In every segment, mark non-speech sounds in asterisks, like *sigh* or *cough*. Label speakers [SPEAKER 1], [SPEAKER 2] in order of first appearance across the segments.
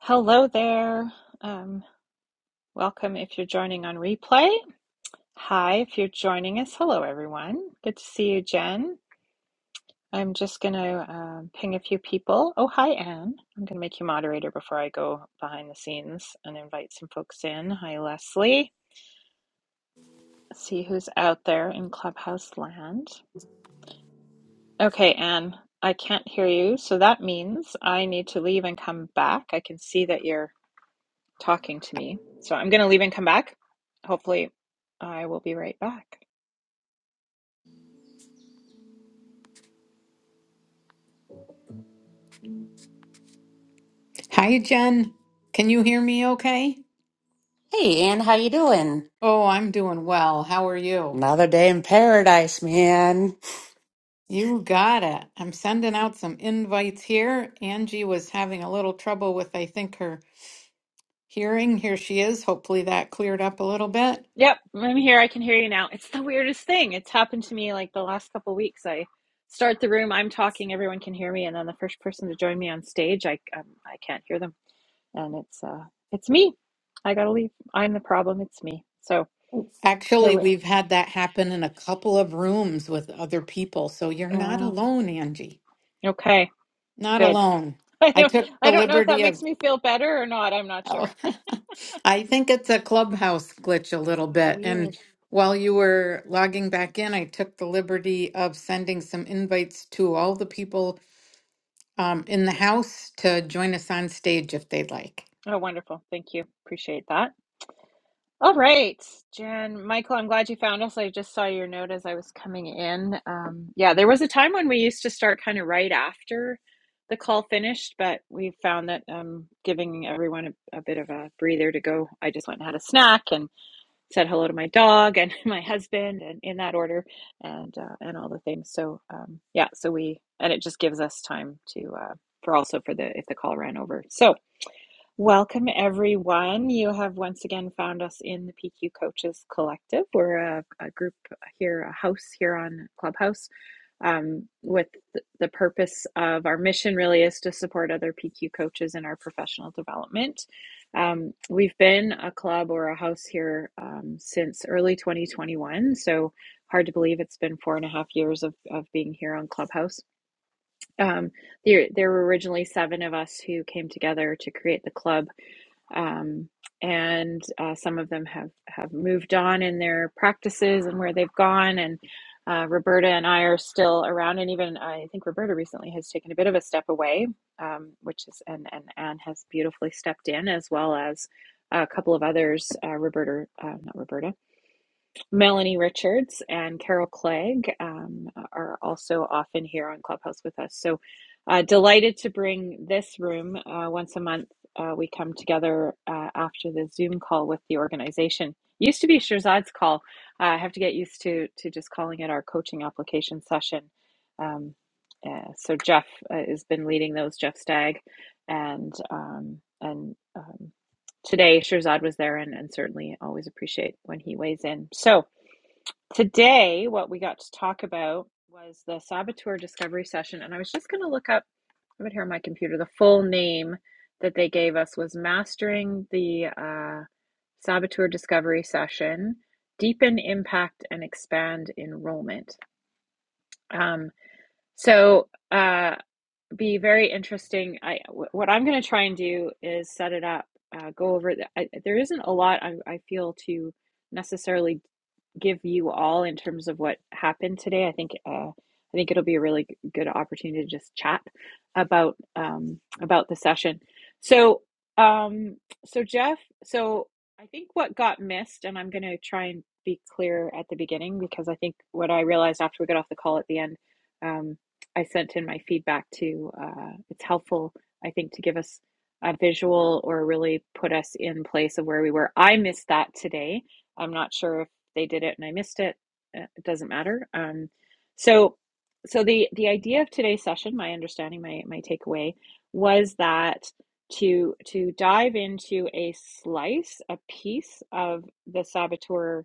[SPEAKER 1] Hello there. Um, welcome if you're joining on replay. Hi, if you're joining us. Hello, everyone. Good to see you, Jen. I'm just going to um ping a few people. Oh, hi, Anne. I'm going to make you moderator before I go behind the scenes and invite some folks in. Hi, Leslie. See who's out there in Clubhouse land. Okay, Anne, I can't hear you, so that means I need to leave and come back. I can see that you're talking to me. So I'm going to leave and come back. Hopefully, I will be right back.
[SPEAKER 2] Hi, Jen. Can you hear me okay?
[SPEAKER 3] Hey Ann, how you doing?
[SPEAKER 2] Oh, I'm doing well. How are you?
[SPEAKER 3] Another day in paradise, man.
[SPEAKER 2] You got it. I'm sending out some invites here. Angie was having a little trouble with, I think, her hearing. Here she is. Hopefully that cleared up a little bit.
[SPEAKER 1] Yep, I'm here. I can hear you now. It's the weirdest thing. It's happened to me like the last couple of weeks. I start the room, I'm talking, everyone can hear me, and then the first person to join me on stage, I um, I can't hear them, and it's uh it's me. I gotta leave. I'm the problem. It's me. So here
[SPEAKER 2] Actually,
[SPEAKER 1] we.
[SPEAKER 2] we've had that happen in a couple of rooms with other people. So you're not
[SPEAKER 1] Uh,
[SPEAKER 2] alone, Angie.
[SPEAKER 1] okay,
[SPEAKER 2] Not
[SPEAKER 1] good.
[SPEAKER 2] alone.
[SPEAKER 1] *laughs* I
[SPEAKER 2] I
[SPEAKER 1] know.
[SPEAKER 2] took
[SPEAKER 1] I
[SPEAKER 2] the
[SPEAKER 1] don't know if that
[SPEAKER 2] liberty of
[SPEAKER 1] makes me feel better or not. I'm not
[SPEAKER 2] Oh,
[SPEAKER 1] sure.
[SPEAKER 2] *laughs* I think it's a clubhouse glitch a little
[SPEAKER 1] Uh,
[SPEAKER 2] bit.
[SPEAKER 1] weird.
[SPEAKER 2] And while you were logging back in, I took the liberty of sending some invites to all the people um, in the house to join us on stage if they'd like.
[SPEAKER 1] Oh, wonderful. Thank you. Appreciate that. All right, Jen, Michael, I'm glad you found us. I just saw your note as I was coming in. Um, yeah, there was a time when we used to start kind of right after the call finished, but we found that um, giving everyone a, a bit of a breather to go. I just went and had a snack and said hello to my dog and *laughs* my husband, and in that order, and uh, and all the things. So um, yeah, so we and it just gives us time to uh, for also for the if the call ran over. So. Welcome, everyone. You have once again found us in the PQ Coaches Collective. We're a, a group here, a house here on Clubhouse, um, with th- the purpose of our mission really is to support other PQ coaches in our professional development. Um, we've been a club or a house here um, since early 2021, so hard to believe it's been four and a half years of, of being here on Clubhouse. Um, there, there were originally seven of us who came together to create the club um, and uh, some of them have have moved on in their practices and where they've gone and uh, Roberta and I are still around and even I think Roberta recently has taken a bit of a step away um, which is and and Anne has beautifully stepped in as well as a couple of others uh, Roberta uh, not Roberta Melanie Richards and Carol Clegg um, are also often here on Clubhouse with us. So uh, delighted to bring this room uh, once a month. Uh, we come together uh, after the Zoom call with the organization. Used to be Shirzad's call. Uh, I have to get used to to just calling it our coaching application session. Um, uh, so Jeff uh, has been leading those. Jeff Stagg, and um, and um, today Shirzad was there, and, and certainly always appreciate when he weighs in. So. Today, what we got to talk about was the saboteur discovery session. And I was just going to look up, I have here on my computer, the full name that they gave us was Mastering the uh, Saboteur Discovery Session Deepen Impact and Expand Enrollment. Um, so, uh, be very interesting. I, what I'm going to try and do is set it up, uh, go over. The, I, there isn't a lot I, I feel to necessarily give you all in terms of what happened today. I think uh, I think it'll be a really g- good opportunity to just chat about um, about the session. So um, so Jeff, so I think what got missed, and I'm going to try and be clear at the beginning because I think what I realized after we got off the call at the end, um, I sent in my feedback to. Uh, it's helpful, I think, to give us a visual or really put us in place of where we were. I missed that today. I'm not sure if they did it and I missed it. uh, It doesn't matter. Um, so, so the the idea of today's session, my understanding, my my takeaway was that to to dive into a slice, a piece of the saboteur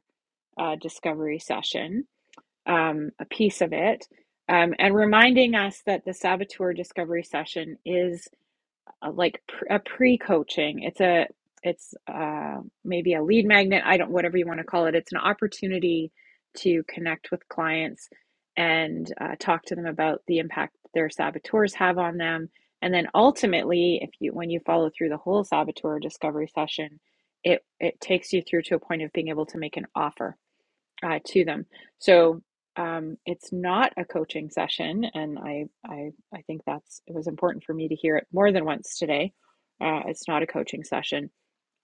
[SPEAKER 1] uh, discovery session, um, a piece of it, um, and reminding us that the saboteur discovery session is a- like a pre-coaching. It's a it's uh, maybe a lead magnet. I don't whatever you want to call it. It's an opportunity to connect with clients and uh, talk to them about the impact their saboteurs have on them. And then ultimately, if you when you follow through the whole saboteur discovery session, it it takes you through to a point of being able to make an offer uh, to them. So um, it's not a coaching session, and I, I I think that's it was important for me to hear it more than once today. Uh, it's not a coaching session,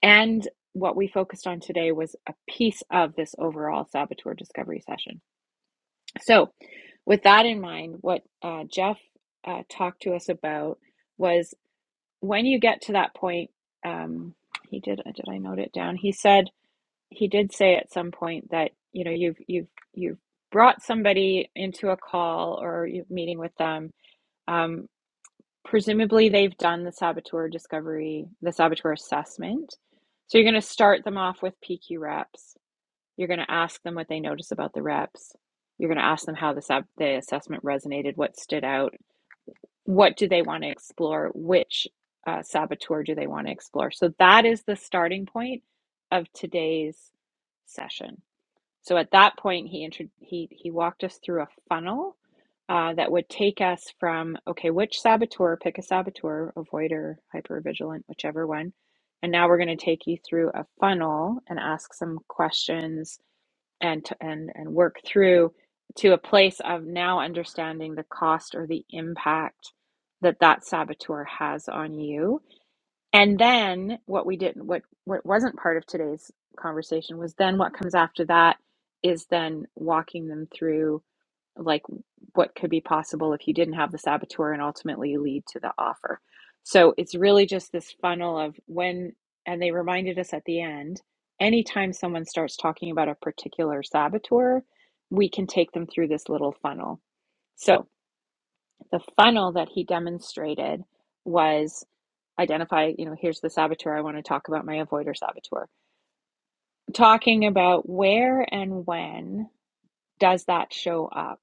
[SPEAKER 1] and what we focused on today was a piece of this overall saboteur discovery session. So, with that in mind, what uh, Jeff uh, talked to us about was when you get to that point. Um, he did. Did I note it down? He said he did say at some point that you know you've you've you've brought somebody into a call or you're meeting with them um, presumably they've done the saboteur discovery the saboteur assessment so you're going to start them off with pq reps you're going to ask them what they notice about the reps you're going to ask them how the, sab- the assessment resonated what stood out what do they want to explore which uh, saboteur do they want to explore so that is the starting point of today's session so at that point, he intro- he he walked us through a funnel uh, that would take us from okay, which saboteur, pick a saboteur, avoider, hypervigilant, whichever one, and now we're going to take you through a funnel and ask some questions and t- and and work through to a place of now understanding the cost or the impact that that saboteur has on you and then what we didn't, what, what wasn't part of today's conversation was then what comes after that is then walking them through like what could be possible if you didn't have the saboteur and ultimately lead to the offer. So it's really just this funnel of when, and they reminded us at the end, anytime someone starts talking about a particular saboteur, we can take them through this little funnel. So the funnel that he demonstrated was identify, you know, here's the saboteur I want to talk about, my avoider saboteur. Talking about where and when does that show up,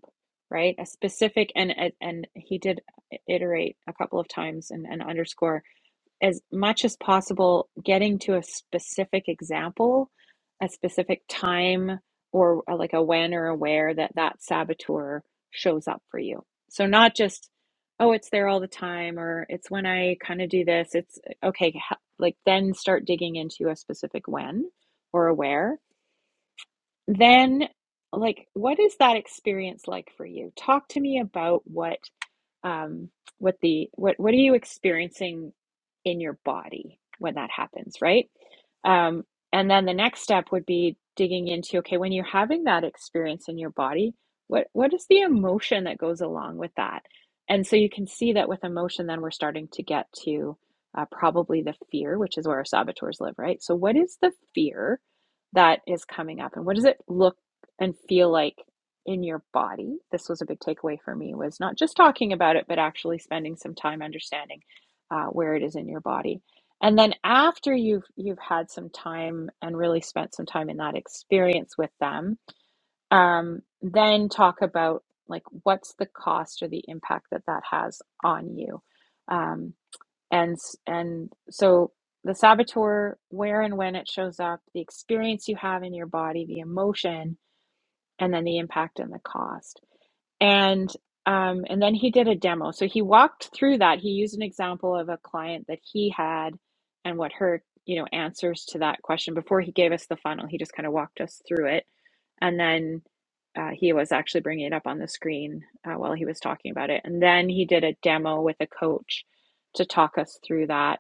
[SPEAKER 1] right? A specific and and he did iterate a couple of times and, and underscore as much as possible getting to a specific example, a specific time, or a, like a when or a where that that saboteur shows up for you. So, not just, oh, it's there all the time, or it's when I kind of do this. It's okay, like then start digging into a specific when or a where. Then, like, what is that experience like for you? Talk to me about what um, what the what what are you experiencing in your body when that happens, right? Um, and then the next step would be digging into okay, when you're having that experience in your body, what what is the emotion that goes along with that? And so you can see that with emotion, then we're starting to get to uh, probably the fear, which is where our saboteurs live, right? So what is the fear that is coming up, and what does it look and feel like? in your body this was a big takeaway for me was not just talking about it but actually spending some time understanding uh, where it is in your body and then after you've you've had some time and really spent some time in that experience with them um, then talk about like what's the cost or the impact that that has on you um, and and so the saboteur where and when it shows up the experience you have in your body the emotion and then the impact and the cost and um, and then he did a demo. So he walked through that. He used an example of a client that he had and what her, you know, answers to that question before he gave us the funnel. He just kind of walked us through it, and then uh, he was actually bringing it up on the screen uh, while he was talking about it. And then he did a demo with a coach to talk us through that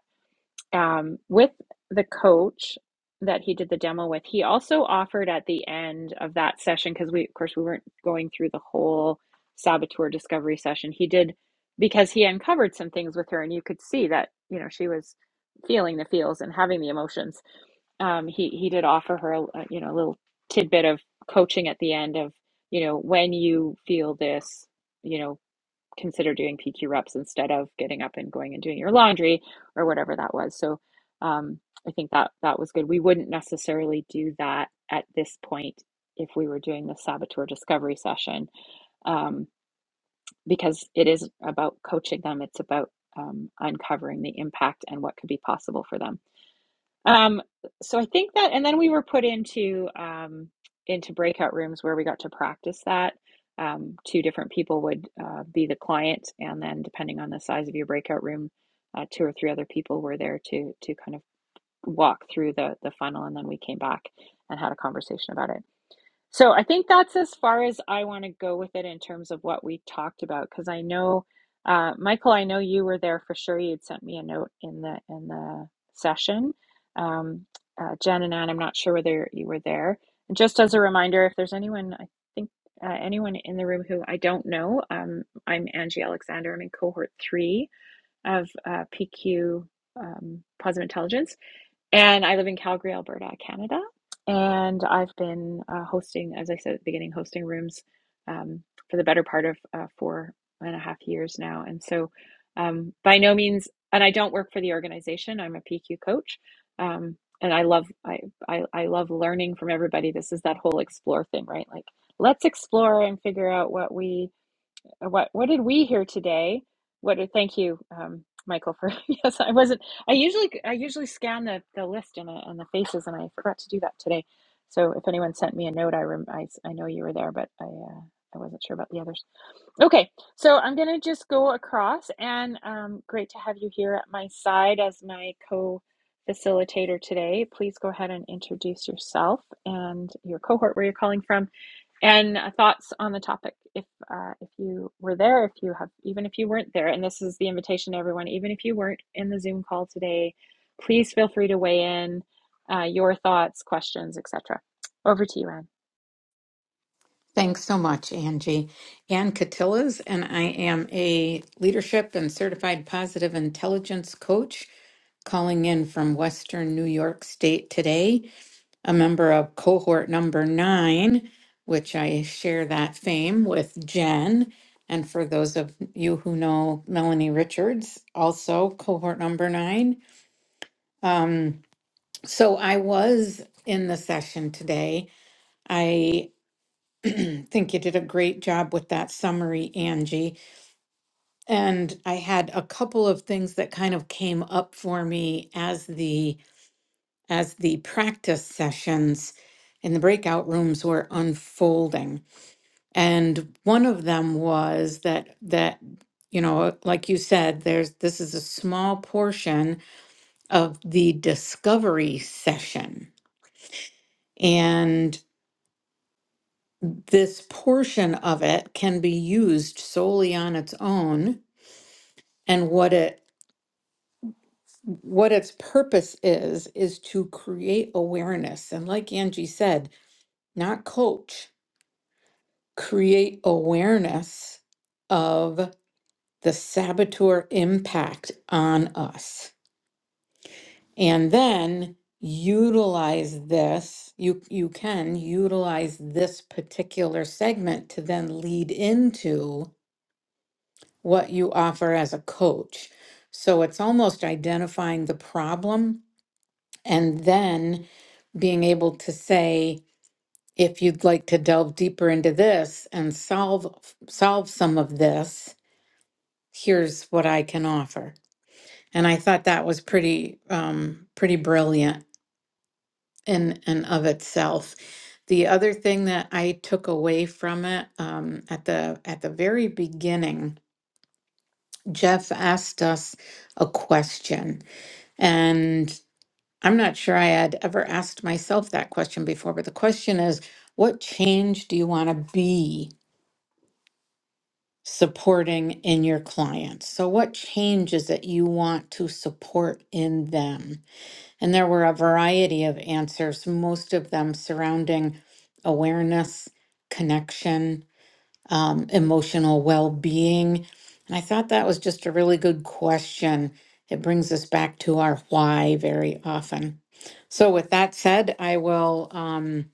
[SPEAKER 1] um, with the coach that he did the demo with, he also offered at the end of that session, because we, of course, we weren't going through the whole saboteur discovery session. He did, because he uncovered some things with her, and you could see that, you know, she was feeling the feels and having the emotions. Um, he, he did offer her, a, you know, a little tidbit of coaching at the end of, you know, when you feel this, you know, consider doing PQ reps instead of getting up and going and doing your laundry or whatever that was. So um, I think that that was good. We wouldn't necessarily do that at this point if we were doing the saboteur discovery session um, because it is about coaching them. It's about um, uncovering the impact and what could be possible for them. Um, so I think that, and then we were put into um, into breakout rooms where we got to practice that. Um, two different people would uh, be the client, and then depending on the size of your breakout room, uh, two or three other people were there to to kind of walk through the the funnel, and then we came back and had a conversation about it. So I think that's as far as I want to go with it in terms of what we talked about, because I know, uh, Michael, I know you were there for sure. You'd sent me a note in the in the session. Um, uh, Jen and Ann, I'm not sure whether you were there. And just as a reminder, if there's anyone, I think uh, anyone in the room who I don't know, um, I'm Angie Alexander. I'm in cohort three of uh, PQ um, Positive Intelligence. And I live in Calgary, Alberta, Canada. And I've been uh, hosting, as I said at the beginning, hosting rooms um, for the better part of uh, four and a half years now. And so, um, by no means, and I don't work for the organization. I'm a PQ coach, um, and I love I, I I love learning from everybody. This is that whole explore thing, right? Like let's explore and figure out what we uh, what what did we hear today? What did, thank you, um, Michael, for *laughs* yes, I wasn't. I usually I usually scan the, the list and, uh, and the faces, and I forgot to do that today. So if anyone sent me a note, I rem, I, s- I know you were there, but I uh, I wasn't sure about the others. Okay, so I'm gonna just go across, and um, great to have you here at my side as my co facilitator today. Please go ahead and introduce yourself and your cohort where you're calling from and uh, thoughts on the topic if uh, if you were there if you have even if you weren't there and this is the invitation to everyone even if you weren't in the zoom call today please feel free to weigh in uh, your thoughts questions etc over to you anne
[SPEAKER 2] Thanks so much, Angie. Ann Catillas, and I am a leadership and certified positive intelligence coach calling in from Western New York State today. a member of cohort number nine, which I share that fame with Jen. And for those of you who know Melanie Richards, also cohort number nine. Um, so I was in the session today. I *clears throat* think you did a great job with that summary, Angie. And I had a couple of things that kind of came up for me as the as the practice sessions in the breakout rooms were unfolding. And one of them was that that you know, like you said, there's this is a small portion of the discovery session. And this portion of it can be used solely on its own. And what it what its purpose is is to create awareness. And like Angie said, not coach, create awareness of the saboteur impact on us and then utilize this you you can utilize this particular segment to then lead into what you offer as a coach so it's almost identifying the problem and then being able to say if you'd like to delve deeper into this and solve solve some of this here's what i can offer and i thought that was pretty um pretty brilliant in and of itself. The other thing that I took away from it um, at the at the very beginning, Jeff asked us a question, and I'm not sure I had ever asked myself that question before. But the question is, what change do you want to be supporting in your clients? So, what change is it you want to support in them? And there were a variety of answers, most of them surrounding awareness, connection, um, emotional well being. And I thought that was just a really good question. It brings us back to our why very often. So, with that said, I will um,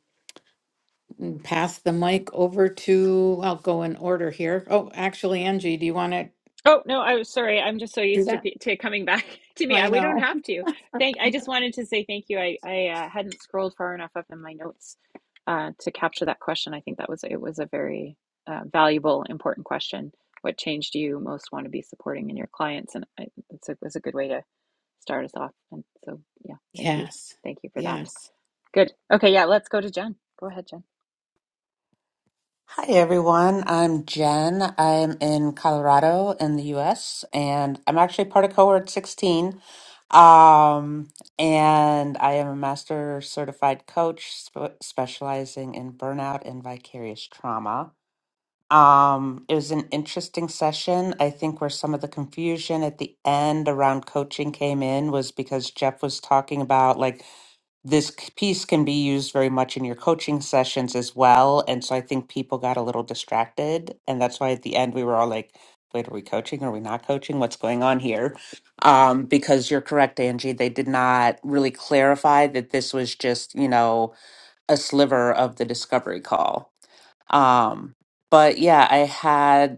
[SPEAKER 2] pass the mic over to, I'll go in order here. Oh, actually, Angie, do you want to
[SPEAKER 1] Oh, no, I was sorry. I'm just so
[SPEAKER 2] do
[SPEAKER 1] used to
[SPEAKER 2] that?
[SPEAKER 1] pe- to coming back *laughs* to me. I,
[SPEAKER 2] I
[SPEAKER 1] we don't
[SPEAKER 2] know. *laughs*
[SPEAKER 1] have to. Thank. I just wanted to say thank you. I I uh, hadn't scrolled far enough up in my notes uh, to capture that question. I think that was it was a very uh, valuable, important question. What change do you most want to be supporting in your clients? And I, it's a, was a good way to start us off. And so, yeah, thank you,
[SPEAKER 2] Yes.
[SPEAKER 1] thank you for that.
[SPEAKER 2] Yes.
[SPEAKER 1] Good. Okay, yeah, let's go to Jen. Go ahead, Jen.
[SPEAKER 3] Hi everyone. I'm Jen. I'm in Colorado in the US and I'm actually part of cohort 16. Um and I am a master certified coach sp- specializing in burnout and vicarious trauma. Um it was an interesting session. I think where some of the confusion at the end around coaching came in was because Jeff was talking about like this c- piece can be used very much in your coaching sessions as well. And so I think people got a little distracted. And that's why at the end we were all like, wait, are we coaching? Are we not coaching? What's going on here? Um, because you're correct, Angie. They did not really clarify that this was just, you know, a sliver of the discovery call. Um, but yeah, I had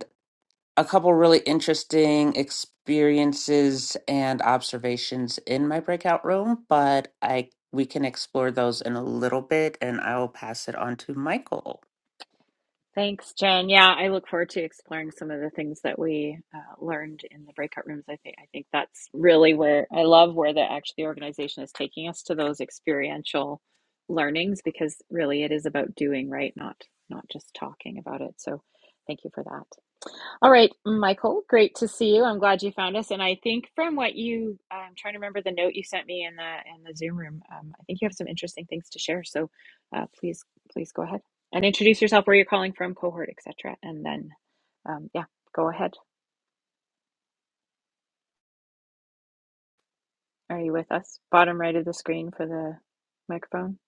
[SPEAKER 3] a couple really interesting experiences and observations in my breakout room, but I we can explore those in a little bit and I will pass it on to Michael.
[SPEAKER 1] Thanks, Jen. Yeah, I look forward to exploring some of the things that we uh, learned in the breakout rooms. I think I think that's really where I love where the actually the organization is taking us to those experiential learnings because really it is about doing, right? Not not just talking about it. So thank you for that. All right, Michael, great to see you. I'm glad you found us. And I think from what you, I'm trying to remember the note you sent me in the in the Zoom room. Um, I think you have some interesting things to share. So uh, please, please go ahead and introduce yourself, where you're calling from, cohort, etc. And then, um, yeah, go ahead. Are you with us? Bottom right of the screen for the microphone.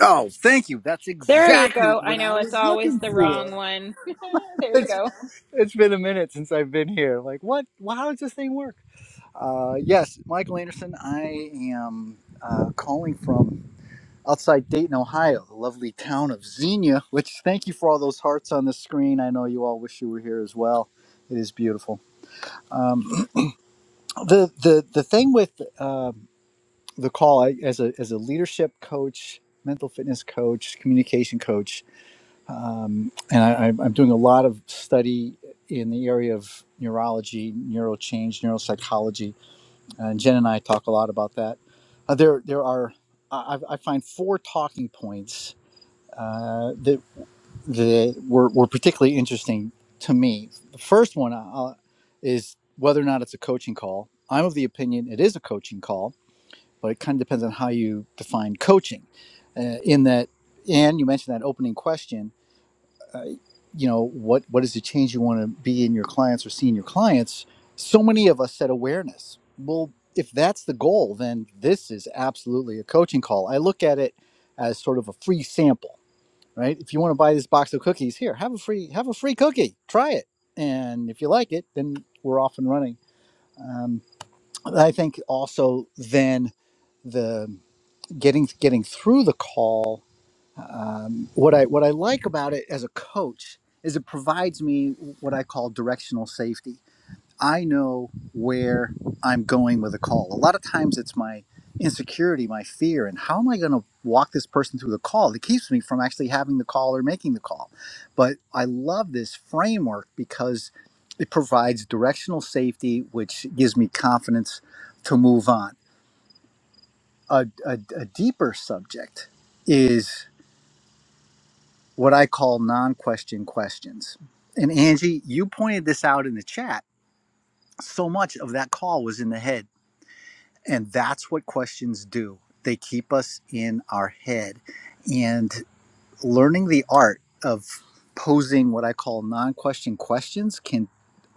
[SPEAKER 4] Oh, thank you. That's
[SPEAKER 1] There you
[SPEAKER 4] exactly
[SPEAKER 1] go. I
[SPEAKER 4] what I
[SPEAKER 1] know it's
[SPEAKER 4] was
[SPEAKER 1] always
[SPEAKER 4] looking
[SPEAKER 1] the wrong
[SPEAKER 4] for. *laughs*
[SPEAKER 1] one. *laughs* there you
[SPEAKER 4] It's,
[SPEAKER 1] go.
[SPEAKER 4] it's been a minute since I've been here. Like, what? Well, how does this thing work? Uh, yes, Michael Anderson. I am uh, calling from outside Dayton, Ohio, the lovely town of Xenia, which thank you for all those hearts on the screen. I know you all wish you were here as well. It is beautiful. Um, the, the, the thing with uh, the call, I, as, a, as a leadership coach, mental fitness coach, communication coach, um, and I, I'm doing a lot of study in the area of neurology, neurochange, neuropsychology, and Jen and I talk a lot about that. Uh, there, there are I, I I find four talking points uh, that that were, were particularly interesting to me. The first one uh, is whether or not it's a coaching call. I'm of the opinion it is a coaching call, but it kind of depends on how you define coaching. Uh, in that, and you mentioned that opening question uh, you know what what is the change you want to be in your clients or see in your clients so many of us said awareness well if that's the goal then this is absolutely a coaching call i look at it as sort of a free sample right if you want to buy this box of cookies here have a free have a free cookie try it and if you like it then we're off and running um, i think also then the getting getting through the call um, what I what I like about it as a coach is it provides me what I call directional safety. I know where I'm going with a call. A lot of times it's my insecurity, my fear, and how am I going to walk this person through the call that keeps me from actually having the call or making the call. But I love this framework because it provides directional safety, which gives me confidence to move on. A, a, a deeper subject is. what I call non question questions. And Angie, you pointed this out in the chat. So much of that call was in the head. And that's what questions do, they keep us in our head. And learning the art of posing what I call non question questions can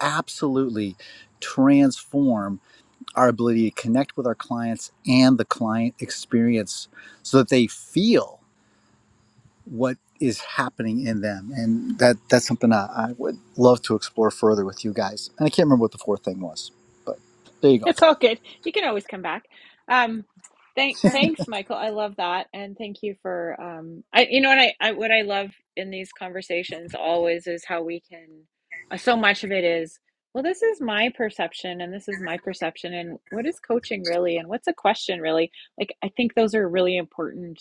[SPEAKER 4] absolutely transform our ability to connect with our clients and the client experience so that they feel. what is happening in them and that that's something I, I would love to explore further with you guys and i can't remember what the fourth thing was but there you
[SPEAKER 1] *laughs*
[SPEAKER 4] go
[SPEAKER 1] It's all good. You can always come back. Um, thank, thanks, Michael. I love that, and thank you for um, I, you know, what I, I, what I love in these conversations always is how we can. uh, So much of it is, well, this is my perception, and this is my perception, and what is coaching really, and what's a question really? Like, I think those are really important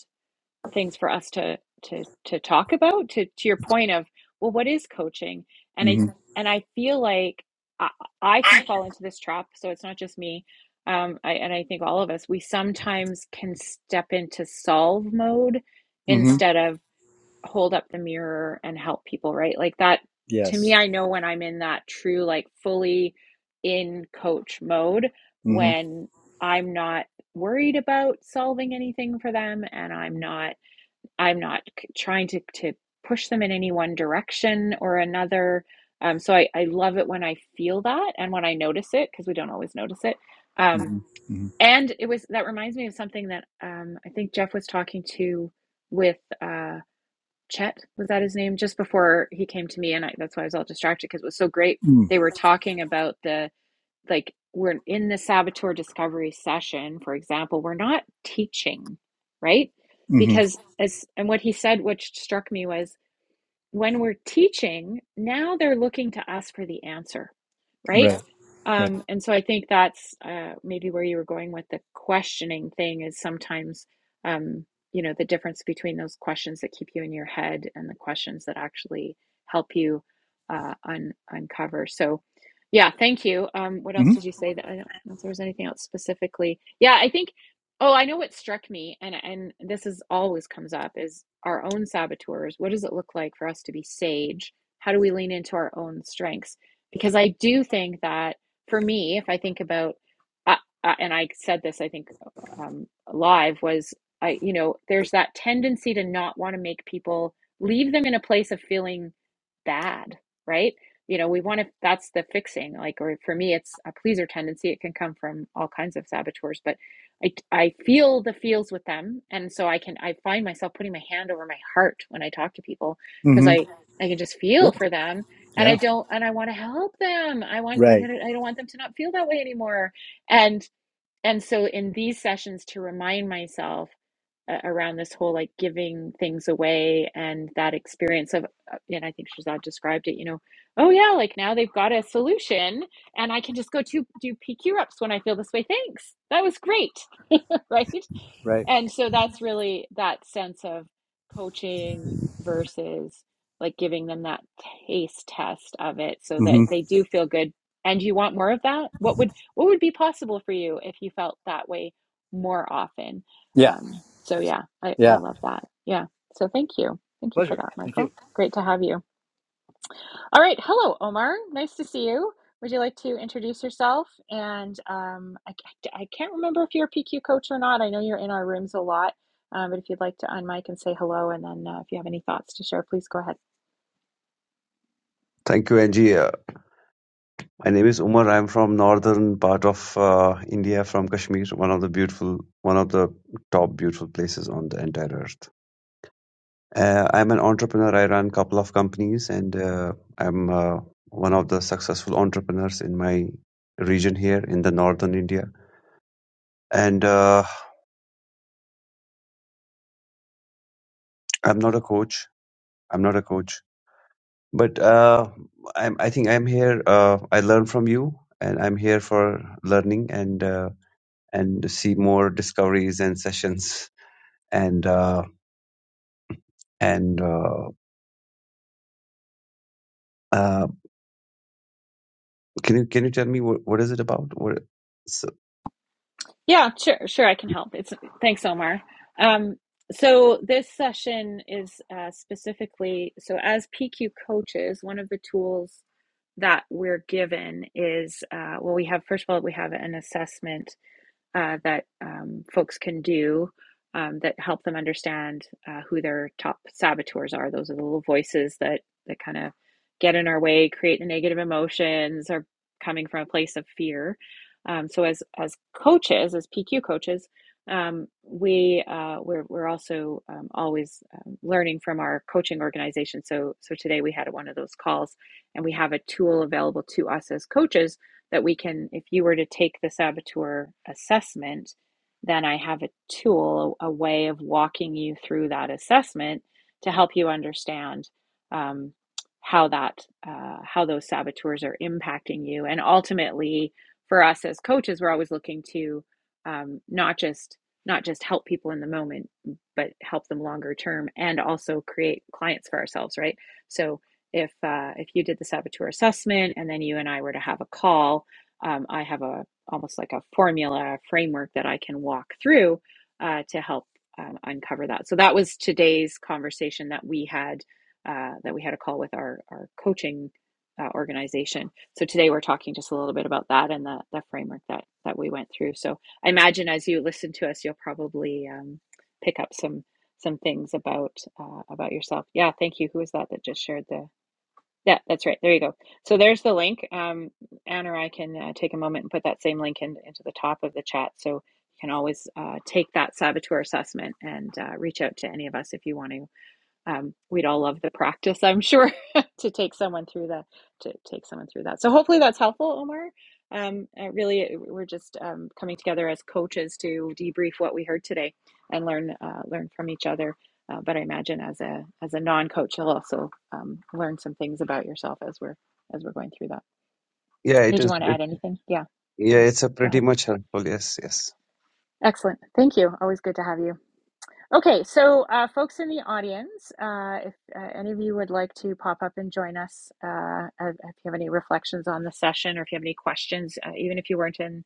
[SPEAKER 1] things for us to to to talk about to to your point of well what is coaching and i
[SPEAKER 4] mm-hmm
[SPEAKER 1] and i feel like i, I can fall into this trap so it's not just me um I, and i think all of us we sometimes can step into solve mode
[SPEAKER 4] mm-hmm
[SPEAKER 1] instead of hold up the mirror and help people right like that to
[SPEAKER 4] yes
[SPEAKER 1] me i know when i'm in that true like fully in coach mode
[SPEAKER 4] mm-hmm
[SPEAKER 1] when i'm not worried about solving anything for them and i'm not I'm not trying to to push them in any one direction or another. Um, so I, I love it when I feel that and when I notice it because we don't always notice it. Um,
[SPEAKER 4] mm-hmm
[SPEAKER 1] and it was that reminds me of something that um, I think Jeff was talking to with uh, Chet was that his name just before he came to me and I, that's why I was all distracted because it was so great.
[SPEAKER 4] mm-hmm,
[SPEAKER 1] They were talking about the like we're in the saboteur discovery session for example we're not teaching right
[SPEAKER 4] mm-hmm. Mm-hmm.
[SPEAKER 1] because as and what he said which struck me was when we're teaching, now they're looking to us for the answer, right?
[SPEAKER 4] right right
[SPEAKER 1] Um, and so I think that's uh, maybe where you were going with the questioning thing is sometimes, um, you know, the difference between those questions that keep you in your head and the questions that actually help you uh, un- uncover. So, yeah, thank you. Um, what else did
[SPEAKER 4] mm-hmm
[SPEAKER 1] you say? That I don't know if there was anything else specifically. Yeah, I think Oh, I know what struck me, and and this is always comes up is our own saboteurs. What does it look like for us to be sage? How do we lean into our own strengths? Because I do think that for me, if I think about, uh, uh, and I said this, I think uh, um, live was I, you know, there's that tendency to not want to make people leave them in a place of feeling bad, right? You know, we want to. That's the fixing. Like, or for me, it's a pleaser tendency. It can come from all kinds of saboteurs, but I, I feel the feels with them and so i can i find myself putting my hand over my heart when i talk to people because
[SPEAKER 4] mm-hmm
[SPEAKER 1] i i can just feel
[SPEAKER 4] sure
[SPEAKER 1] for them and i
[SPEAKER 4] yeah
[SPEAKER 1] don't and i want to help them i want like i
[SPEAKER 4] right
[SPEAKER 1] don't I don't want them to not feel that way anymore and and so in these sessions to remind myself uh, around this whole like giving things away and that experience of uh, and i think shazad described it you know oh yeah like now they've got a solution and I can just go to do PQ reps when I feel this way. Thanks. That was great. *laughs* right?
[SPEAKER 4] right
[SPEAKER 1] And so that's really that sense of coaching versus like giving them that taste test of it so that
[SPEAKER 4] mm-hmm
[SPEAKER 1] they do feel good. And you want more of that? What would what would be possible for you if you felt that way more often?
[SPEAKER 4] yeah
[SPEAKER 1] Um, so yeah, I, I
[SPEAKER 4] yeah
[SPEAKER 1] love that. Yeah. So thank you. Thank you for
[SPEAKER 4] pleasure
[SPEAKER 1] that,
[SPEAKER 4] thank
[SPEAKER 1] Michael.
[SPEAKER 4] you
[SPEAKER 1] Great to have you. All right. Hello, Omar. Nice to see you. Would you like to introduce yourself? And um, I, I can't remember if you're a PQ coach or not. I know you're in our rooms a lot, um, but if you'd like to unmic and say hello, and then uh, if you have any thoughts to share, please go ahead.
[SPEAKER 5] Thank you, Angie. Uh, my name is Umar. I'm from northern part of uh, India, from Kashmir, one of the beautiful, one of the top beautiful places on the entire earth. Uh, I'm an entrepreneur. I run couple of companies, and uh, I'm uh, one of the successful entrepreneurs in my region here in the northern India. And uh, I'm not a coach. I'm not a coach, but uh, I'm. I think I'm here. Uh, I learn from you, and I'm here for learning and. Uh, and see more discoveries and sessions. And uh, and uh, uh, can you can you tell me what, what is it about? What, so,
[SPEAKER 1] Yeah, sure, sure, I can help. It's thanks, Omar. Um, so this session is uh, specifically so as PQ coaches, one of the tools that we're given is uh, well, we have, first of all, we have an assessment uh, that um, folks can do um, that help them understand uh, who their top saboteurs are. Those are the little voices that that kind of get in our way, create the negative emotions, are coming from a place of fear. Um, so as as coaches, as PQ coaches, um, we uh, we're we're also um, always um, learning from our coaching organization. So so today we had one of those calls, and we have a tool available to us as coaches that we can, if you were to take the saboteur assessment, then I have a tool, a way of walking you through that assessment to help you understand um, how that, uh, how those saboteurs are impacting you. And ultimately, for us as coaches, we're always looking to um, not just not just help people in the moment, but help them longer term, and also create clients for ourselves, right? So if uh, if you did the saboteur assessment and then you and I were to have a call, um, I have a almost like a formula a framework that I can walk through uh, to help um, uncover that. So that was today's conversation that we had uh, that we had a call with our our coaching uh, organization. So today we're talking just a little bit about that and the the framework that that we went through. So I imagine as you listen to us, you'll probably um, pick up some some things about uh, about yourself. Yeah, thank you. Who was that that just shared the yeah, that's right. There you go. So there's the link. Um, Anne or I can uh, take a moment and put that same link in, into the top of the chat. So you can always uh, take that saboteur assessment and uh, reach out to any of us if you want to um, we'd all love the practice, I'm sure, *laughs* to take someone through the to take someone through that. So hopefully that's helpful, Omar. Um, uh, really, we're just um, coming together as coaches to debrief what we heard today and learn uh, learn from each other. Uh, but I imagine as a as a non coach, you'll also um, learn some things about yourself as we're as we're going through that.
[SPEAKER 5] yeah, it
[SPEAKER 1] Did you
[SPEAKER 5] is.
[SPEAKER 1] want to
[SPEAKER 5] It,
[SPEAKER 1] add anything? Yeah,
[SPEAKER 5] yeah,
[SPEAKER 1] yeah.
[SPEAKER 5] it's a
[SPEAKER 1] Go
[SPEAKER 5] pretty
[SPEAKER 1] ahead.
[SPEAKER 5] much helpful. Yes, yes.
[SPEAKER 1] Excellent. Thank you. Always good to have you. Okay, so uh, folks in the audience, uh, if uh, any of you would like to pop up and join us, uh, if if you have any reflections on the session or if you have any questions, uh, even if you weren't in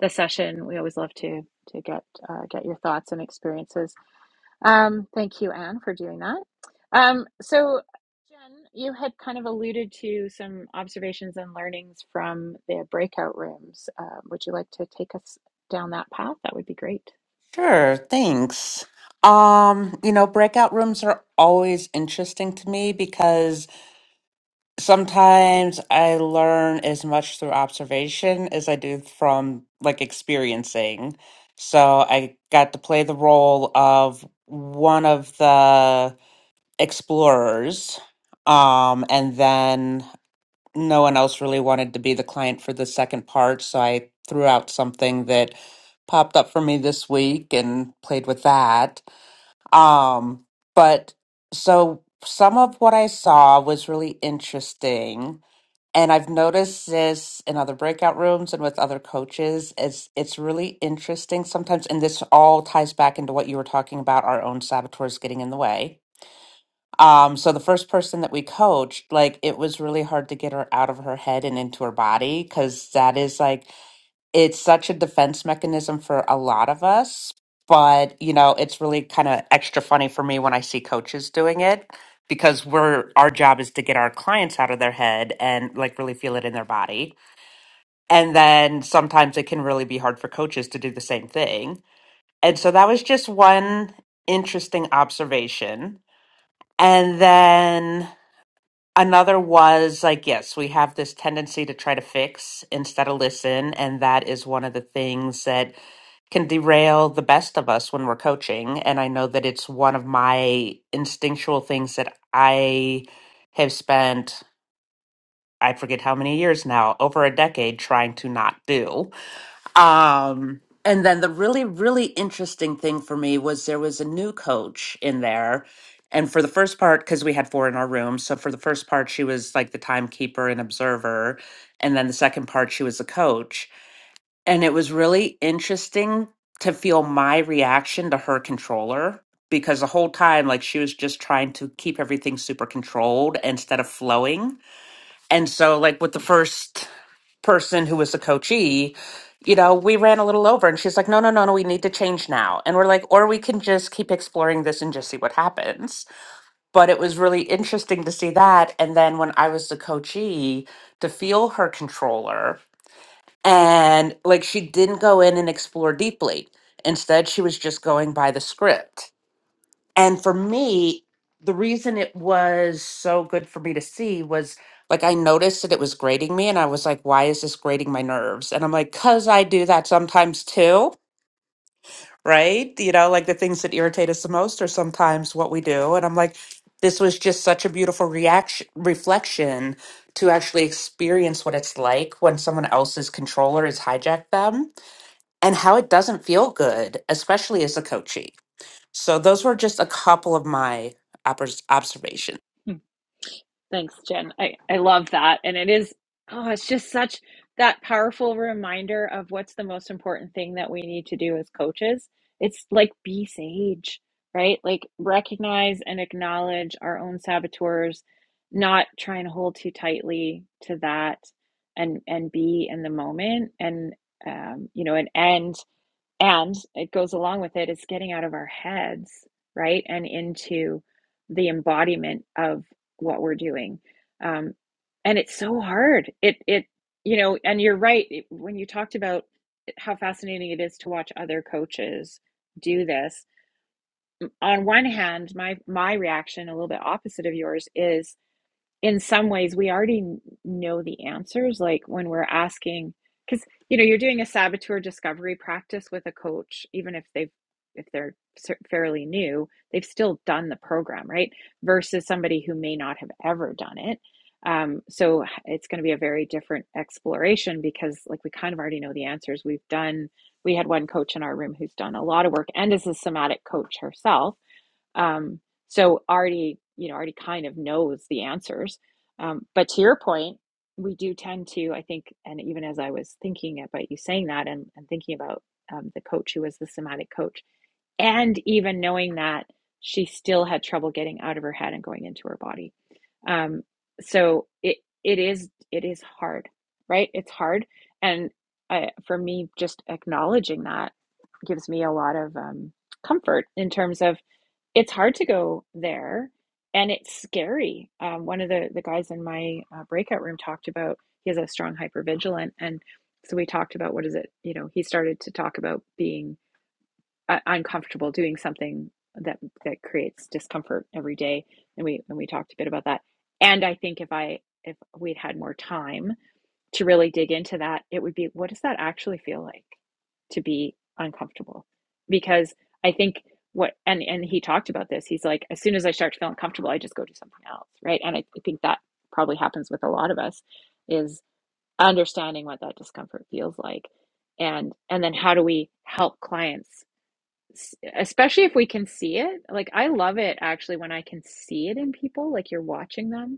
[SPEAKER 1] the session, we always love to to get uh, get your thoughts and experiences. Um, thank you, Anne, for doing that. Um, so, Jen, you had kind of alluded to some observations and learnings from the breakout rooms. Uh, would you like to take us down that path? That would be great.
[SPEAKER 3] Sure, thanks. Um, you know, breakout rooms are always interesting to me because sometimes I learn as much through observation as I do from like experiencing. So I got to play the role of one of the explorers um and then no one else really wanted to be the client for the second part so i threw out something that popped up for me this week and played with that um but so some of what i saw was really interesting and i've noticed this in other breakout rooms and with other coaches is it's really interesting sometimes and this all ties back into what you were talking about our own saboteurs getting in the way um, so the first person that we coached, like it was really hard to get her out of her head and into her body because that is like it's such a defense mechanism for a lot of us. But you know, it's really kind of extra funny for me when I see coaches doing it because we're our job is to get our clients out of their head and like really feel it in their body. And then sometimes it can really be hard for coaches to do the same thing. And so that was just one interesting observation. And then Another was like, yes, we have this tendency to try to fix instead of listen. And that is one of the things that can derail the best of us when we're coaching. And I know that it's one of my instinctual things that I have spent, I forget how many years now, over a decade trying to not do. Um, and then the really, really interesting thing for me was there was a new coach in there. And for the first part, because we had four in our room. So for the first part, she was like the timekeeper and observer. And then the second part, she was the coach. And it was really interesting to feel my reaction to her controller because the whole time, like she was just trying to keep everything super controlled instead of flowing. And so, like, with the first person who was the coachee, you know, we ran a little over and she's like, no, no, no, no, we need to change now. And we're like, or we can just keep exploring this and just see what happens. But it was really interesting to see that. And then when I was the coachee, to feel her controller and like she didn't go in and explore deeply. Instead, she was just going by the script. And for me, the reason it was so good for me to see was like I noticed that it was grating me and I was like, why is this grating my nerves? And I'm like, because I do that sometimes too, right? You know, like the things that irritate us the most are sometimes what we do. And I'm like, this was just such a beautiful reaction reflection to actually experience what it's like when someone else's controller has hijacked them and how it doesn't feel good, especially as a coachee so those were just a couple of my obs- observations.
[SPEAKER 1] Thanks, Jen. I, I love that. And it is, oh, it's just such that powerful reminder of what's the most important thing that we need to do as coaches. It's like be sage, right? Like recognize and acknowledge our own saboteurs, not trying to hold too tightly to that and and be in the moment and um, you know, and end and it goes along with it is getting out of our heads, right? And into the embodiment of what we're doing. Um, and it's so hard. It, it, you know, and you're right. When you talked about how fascinating it is to watch other coaches do this, on one hand, my, my reaction, a little bit opposite of yours, is in some ways we already know the answers like when we're asking because you know you're doing a saboteur discovery practice with a coach even if they've if they're fairly new they've still done the program right versus somebody who may not have ever done it um, so it's going to be a very different exploration because like we kind of already know the answers we've done we had one coach in our room who's done a lot of work and is a somatic coach herself um, so already you know already kind of knows the answers um, but to your point we do tend to i think and even as i was thinking about you saying that and, and thinking about um, the coach who was the somatic coach and even knowing that she still had trouble getting out of her head and going into her body um, so it it is it is hard right it's hard and I, for me just acknowledging that gives me a lot of um, comfort in terms of it's hard to go there and it's scary. Um, one of the, the guys in my uh, breakout room talked about he has a strong hypervigilant. And so we talked about what is it, you know, he started to talk about being uh, uncomfortable doing something that that creates discomfort every day. And we and we talked a bit about that. And I think if I if we'd had more time to really dig into that, it would be what does that actually feel like to be uncomfortable? Because I think what and and he talked about this. He's like, as soon as I start to feel uncomfortable, I just go do something else, right? And I, I think that probably happens with a lot of us is understanding what that discomfort feels like, and and then how do we help clients, especially if we can see it. Like I love it actually when I can see it in people, like you're watching them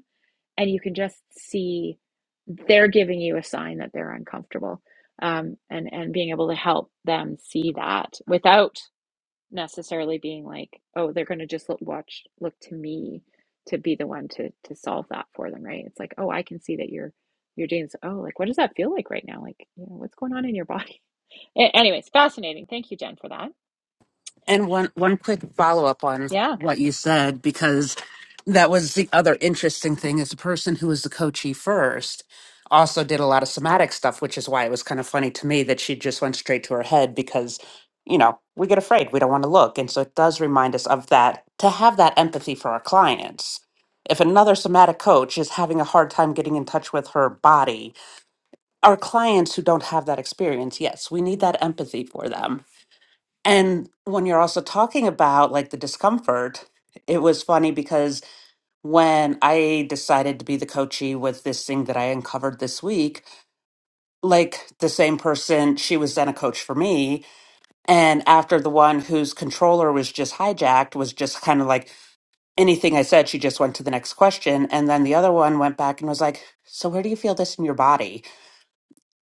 [SPEAKER 1] and you can just see they're giving you a sign that they're uncomfortable um, and and being able to help them see that without necessarily being like oh they're going to just look, watch look to me to be the one to to solve that for them right it's like oh i can see that you're you're doing this oh like what does that feel like right now like you know what's going on in your body *laughs* anyways fascinating thank you jen for that
[SPEAKER 3] And one one quick follow up on
[SPEAKER 1] Yeah.
[SPEAKER 3] what you said because that was the other interesting thing is the person who was the coachee first also did a lot of somatic stuff, which is why it was kind of funny to me that she just went straight to her head because you know we get afraid we don't want to look, and so it does remind us of that to have that empathy for our clients. If another somatic coach is having a hard time getting in touch with her body our clients who don't have that experience yes we need that empathy for them and when you're also talking about like the discomfort it was funny because when i decided to be the coachee with this thing that i uncovered this week like the same person she was then a coach for me and after the one whose controller was just hijacked was just kind of like anything i said she just went to the next question and then the other one went back and was like so where do you feel this in your body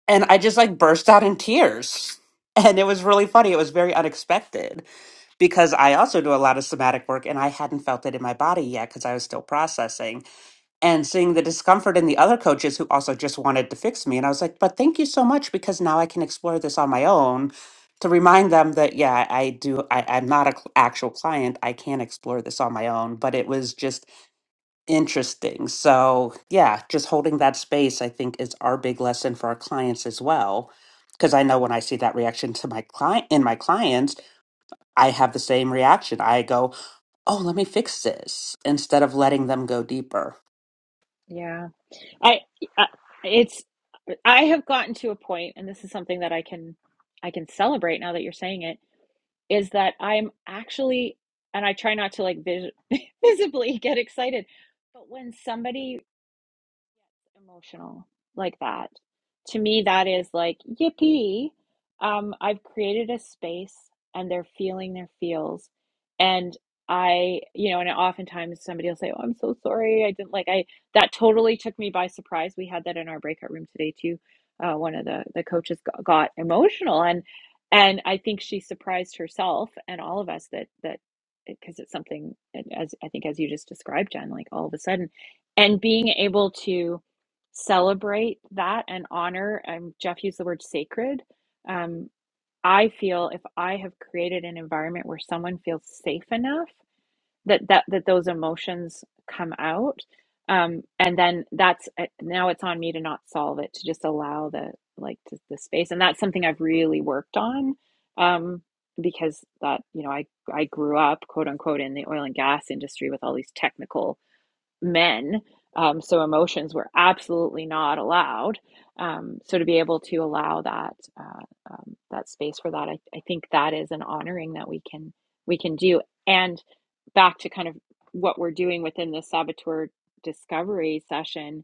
[SPEAKER 3] and I just like burst out in tears. And it was really funny. It was very unexpected because I also do a lot of somatic work and I hadn't felt it in my body yet because I was still processing and seeing the discomfort in the other coaches who also just wanted to fix me. And I was like, but thank you so much because now I can explore this on my own to remind them that, yeah, I do, I, I'm not an actual client. I can explore this on my own. But it was just Interesting. So, yeah, just holding that space, I think, is our big lesson for our clients as well. Because I know when I see that reaction to my client in my clients, I have the same reaction. I go, "Oh, let me fix this," instead of letting them go deeper.
[SPEAKER 1] Yeah. I, I it's I have gotten to a point and this is something that I can I can celebrate now that you're saying it is that I'm actually and I try not to like vis- *laughs* visibly get excited but when somebody emotional like that. To me, that is like, yippee, um, I've created a space and they're feeling their feels. And I, you know, and oftentimes somebody will say, Oh, I'm so sorry. I didn't like, I, that totally took me by surprise. We had that in our breakout room today too. Uh, one of the, the coaches got, got emotional and, and I think she surprised herself and all of us that, that, because it's something eh, as I think, as you just described, Jen, like all of a sudden, and being able to celebrate that and honor. Um, Jeff used the word sacred. Um, I feel if I have created an environment where someone feels safe enough that that that those emotions come out, um, and then that's uh, now it's on me to not solve it, to just allow the like to, the space, and that's something I've really worked on. Um, because that you know I I grew up quote unquote in the oil and gas industry with all these technical men. Um, so emotions were absolutely not allowed. Um, so to be able to allow that uh, um, that space for that, I, I think that is an honoring that we can we can do. And back to kind of what we're doing within the saboteur discovery session,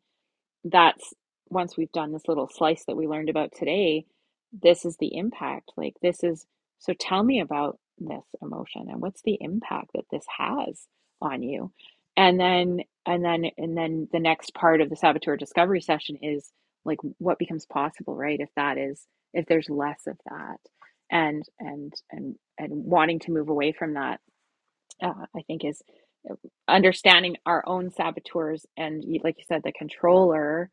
[SPEAKER 1] that's once we've done this little slice that we learned about today, this is the impact. Like, this is so tell me about this emotion and what's the impact that this has on you. And then, and then, and then the next part of the saboteur discovery session is like what becomes possible, right? If that is, if there's less of that and, and, and, and wanting to move away from that uh, I think is uh, understanding our own saboteurs and like you said the controller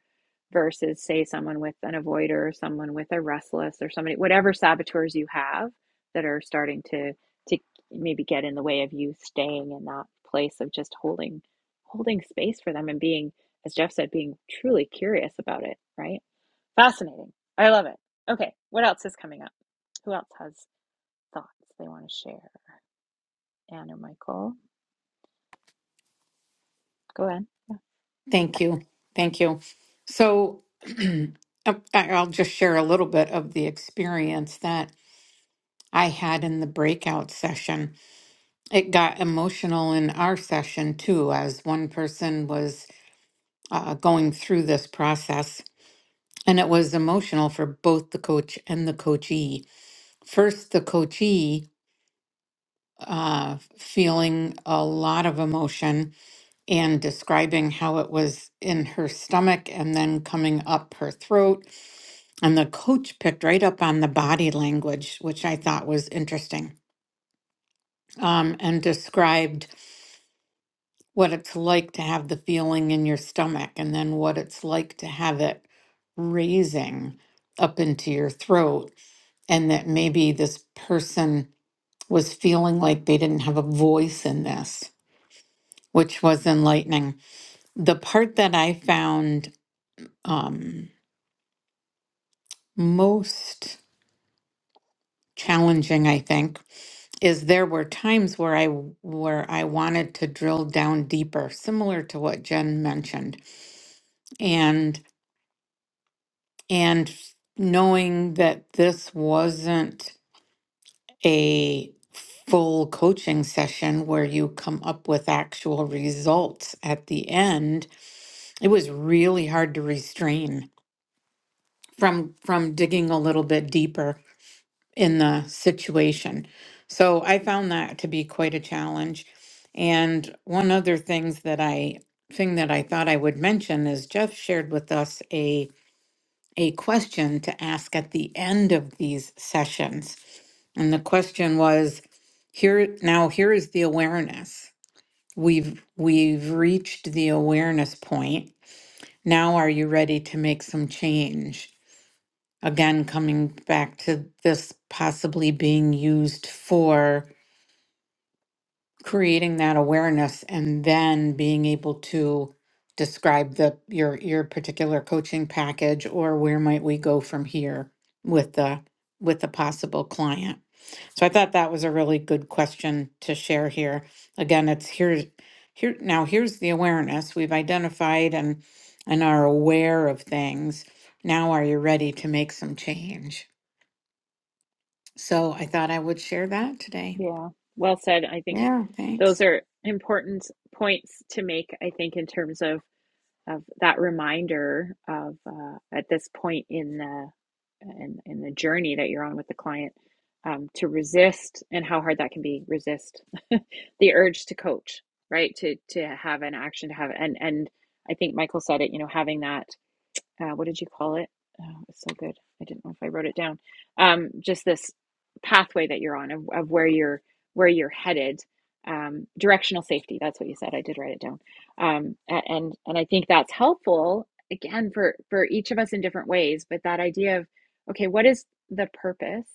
[SPEAKER 1] versus say someone with an avoider or someone with a restless or somebody whatever saboteurs you have that are starting to to maybe get in the way of you staying in that place of just holding holding space for them and being as Jeff said being truly curious about it right fascinating I love it okay what else is coming up who else has thoughts they want to share Anne or Michael go ahead
[SPEAKER 2] Thank you. Thank you. So *clears throat* I- I'll just share a little bit of the experience that I had in the breakout session. It got emotional in our session too, as one person was uh, going through this process. And it was emotional for both the coach and the coachee. First, the coachee uh, feeling a lot of emotion and describing how it was in her stomach and then coming up her throat. And the coach picked right up on the body language, which I thought was interesting, um, and described what it's like to have the feeling in your stomach and then what it's like to have it raising up into your throat. And that maybe this person was feeling like they didn't have a voice in this, which was enlightening. The part that I found. Um, most challenging, I think, is there were times where I where I wanted to drill down deeper, similar to what Jen mentioned, and and knowing that this wasn't a full coaching session where you come up with actual results at the end, it was really hard to restrain from from digging a little bit deeper in the situation. So I found that to be quite a challenge. And one other things that I thing that I thought I would mention is Jeff shared with us a a question to ask at the end of these sessions. And the question was here now here is the awareness. We've we've reached the awareness point. Now are you ready to make some change? Again, coming back to this possibly being used for creating that awareness and then being able to describe the your your particular coaching package or where might we go from here with the with the possible client. So I thought that was a really good question to share here. Again, it's here here now here's the awareness. We've identified and and are aware of things. Now are you ready to make some change? So I thought I would share that today.
[SPEAKER 1] Yeah, well said. I think
[SPEAKER 2] Yeah,
[SPEAKER 1] those
[SPEAKER 2] thanks.
[SPEAKER 1] are important points to make, I think, in terms of, of that reminder of uh, at this point in the in, in the journey that you're on with the client um, to resist and how hard that can be resist *laughs* the urge to coach, right? To to have an action to have and and I think Michael said it, you know, having that uh, what did you call it? Oh, it's so good. I didn't know if I wrote it down. Um, just this pathway that you're on of, of where you're where you're headed. Um, directional safety. That's what you said. I did write it down. Um, and and I think that's helpful again for for each of us in different ways. But that idea of okay, what is the purpose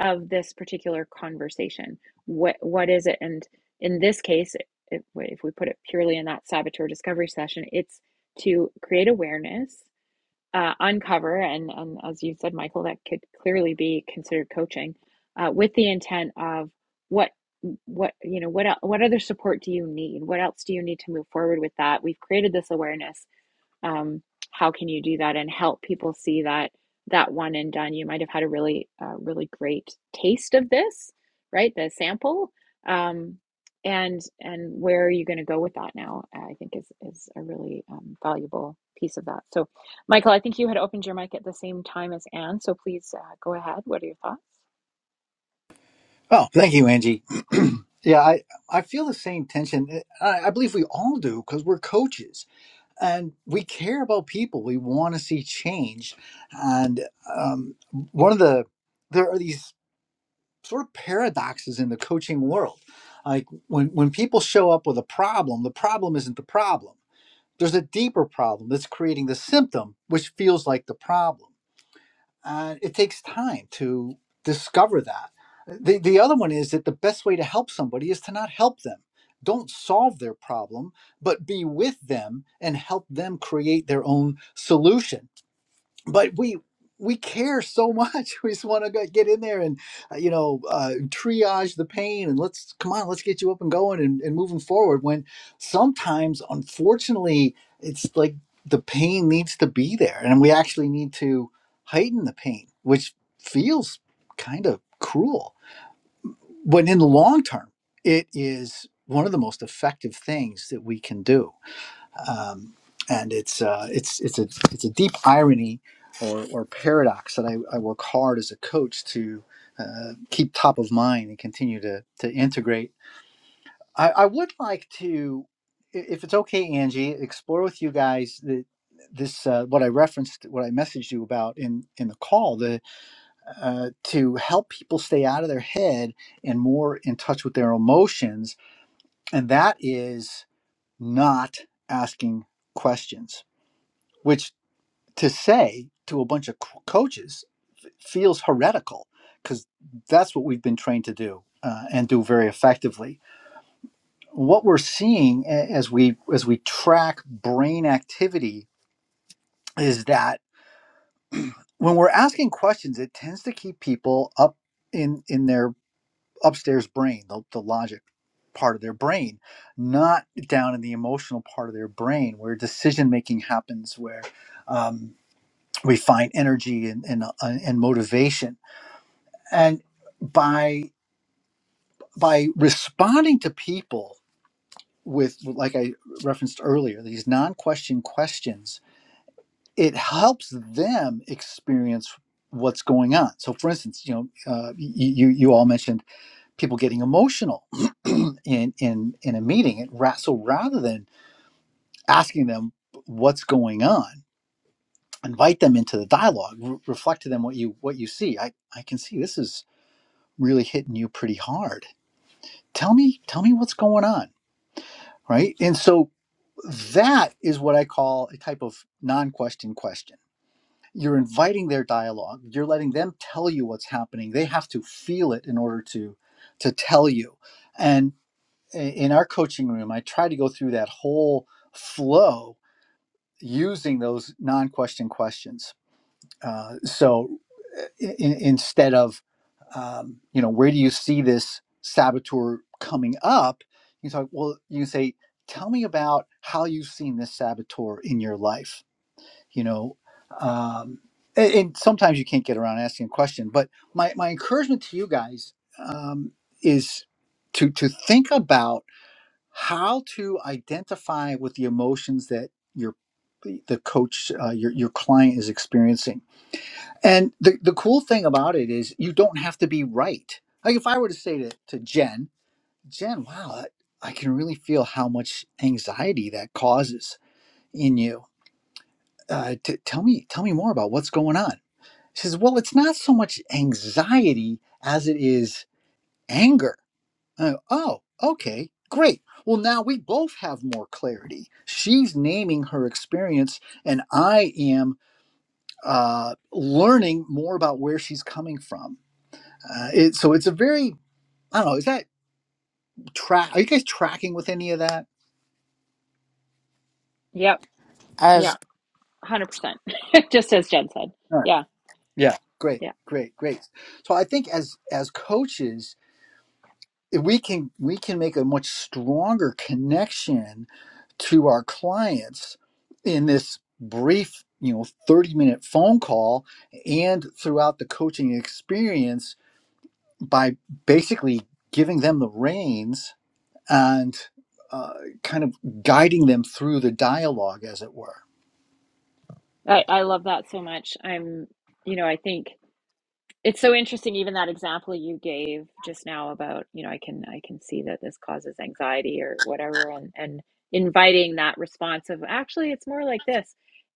[SPEAKER 1] of this particular conversation? What what is it? And in this case, if, if we put it purely in that saboteur discovery session, it's to create awareness uh, uncover, and, and as you said, Michael, that could clearly be considered coaching, uh, with the intent of what what you know what what other support do you need? What else do you need to move forward with that? We've created this awareness um, how can you do that and help people see that that one and done you might have had a really uh, really great taste of this right the sample um, and and where are you going to go with that now uh, i think is is a really um, valuable piece of that so michael i think you had opened your mic at the same time as anne so please uh, go ahead what are your thoughts
[SPEAKER 4] oh thank you angie *clears throat* yeah i i feel the same tension i, I believe we all do because we're coaches and we care about people. We want to see change. And um, one of the there are these sort of paradoxes in the coaching world. Like when when people show up with a problem, the problem isn't the problem. There's a deeper problem that's creating the symptom, which feels like the problem uh, it takes time to discover that. The, the other one is that the best way to help somebody is to not help them. Don't solve their problem, but be with them and help them create their own solution but we we care so much *laughs* we just want to get in there and uh, you know uh, triage the pain and let's come on let's get you up and going and, and moving forward when sometimes unfortunately it's like the pain needs to be there and we actually need to heighten the pain which feels kind of cruel but in the long term it is one of the most effective things that we can do um, and it's uh, it's it's a it's a deep irony or, or paradox that I, I work hard as a coach to uh, keep top of mind and continue to to integrate. I, I would like to, i- if it's okay, Angie, explore with you guys the, this uh, what I referenced, what I messaged you about in in the call, the uh, to help people stay out of their head and more in touch with their emotions, and that is not asking questions which. to say to a bunch of c- coaches feels heretical because that's what we've been trained to do uh, and do very effectively. What we're seeing a- as we as we track brain activity is that when we're asking questions, it tends to keep people up in in their upstairs brain, the, the logic part of their brain, not down in the emotional part of their brain where decision making happens, where um, we find energy and and, uh, and motivation and by by responding to people with like i referenced earlier these non-question questions it helps them experience what's going on so for instance you know uh, you you all mentioned people getting emotional *clears throat* in in in a meeting it, ra- so rather than asking them what's going on invite them into the dialogue re- reflect to them what you what you see i i can see this is really hitting you pretty hard tell me tell me what's going on right? And so that is what I call a type of non question question. You're inviting their dialogue, you're letting them tell you what's happening. They have to feel it in order to, to tell you. And i- in our coaching room, I try to go through that whole flow using those non question questions uh, so i- instead of um, you know where do you see this saboteur coming up you talk well you can say tell me about how you've seen this saboteur in your life you know um, a- and, sometimes you can't get around asking a question but my, my encouragement to you guys um, is to to think about how to identify with the emotions that your the coach uh, your, your client is experiencing and the, the cool thing about it is you don't have to be right. Like if I were to say to, to Jen, Jen, wow, that- I can really feel how much anxiety that causes in you. Uh, t- tell me, tell me more about what's going on. She says, well, it's not so much anxiety as it is anger. I go, oh, okay, great. Well, now we both have more clarity. She's naming her experience, and I am uh, learning more about where she's coming from Uh, it, so it's a very I don't know. Is that track? Are you guys tracking with any of that?
[SPEAKER 1] yep yeah
[SPEAKER 3] As
[SPEAKER 1] 100% *laughs* just as jen said
[SPEAKER 4] All right.
[SPEAKER 1] yeah
[SPEAKER 4] Yeah. Great,
[SPEAKER 1] yeah
[SPEAKER 4] great, great. So I think as as coaches, if we can we can make a much stronger connection to our clients in this brief, you know, thirty minute phone call and throughout the coaching experience by basically giving them the reins and uh, kind of guiding them through the dialogue, as it were.
[SPEAKER 1] I, I love that so much. I'm, you know, I think it's so interesting, even that example you gave just now about, you know, I can I can see that this causes anxiety or whatever, and and inviting that response of actually it's more like this.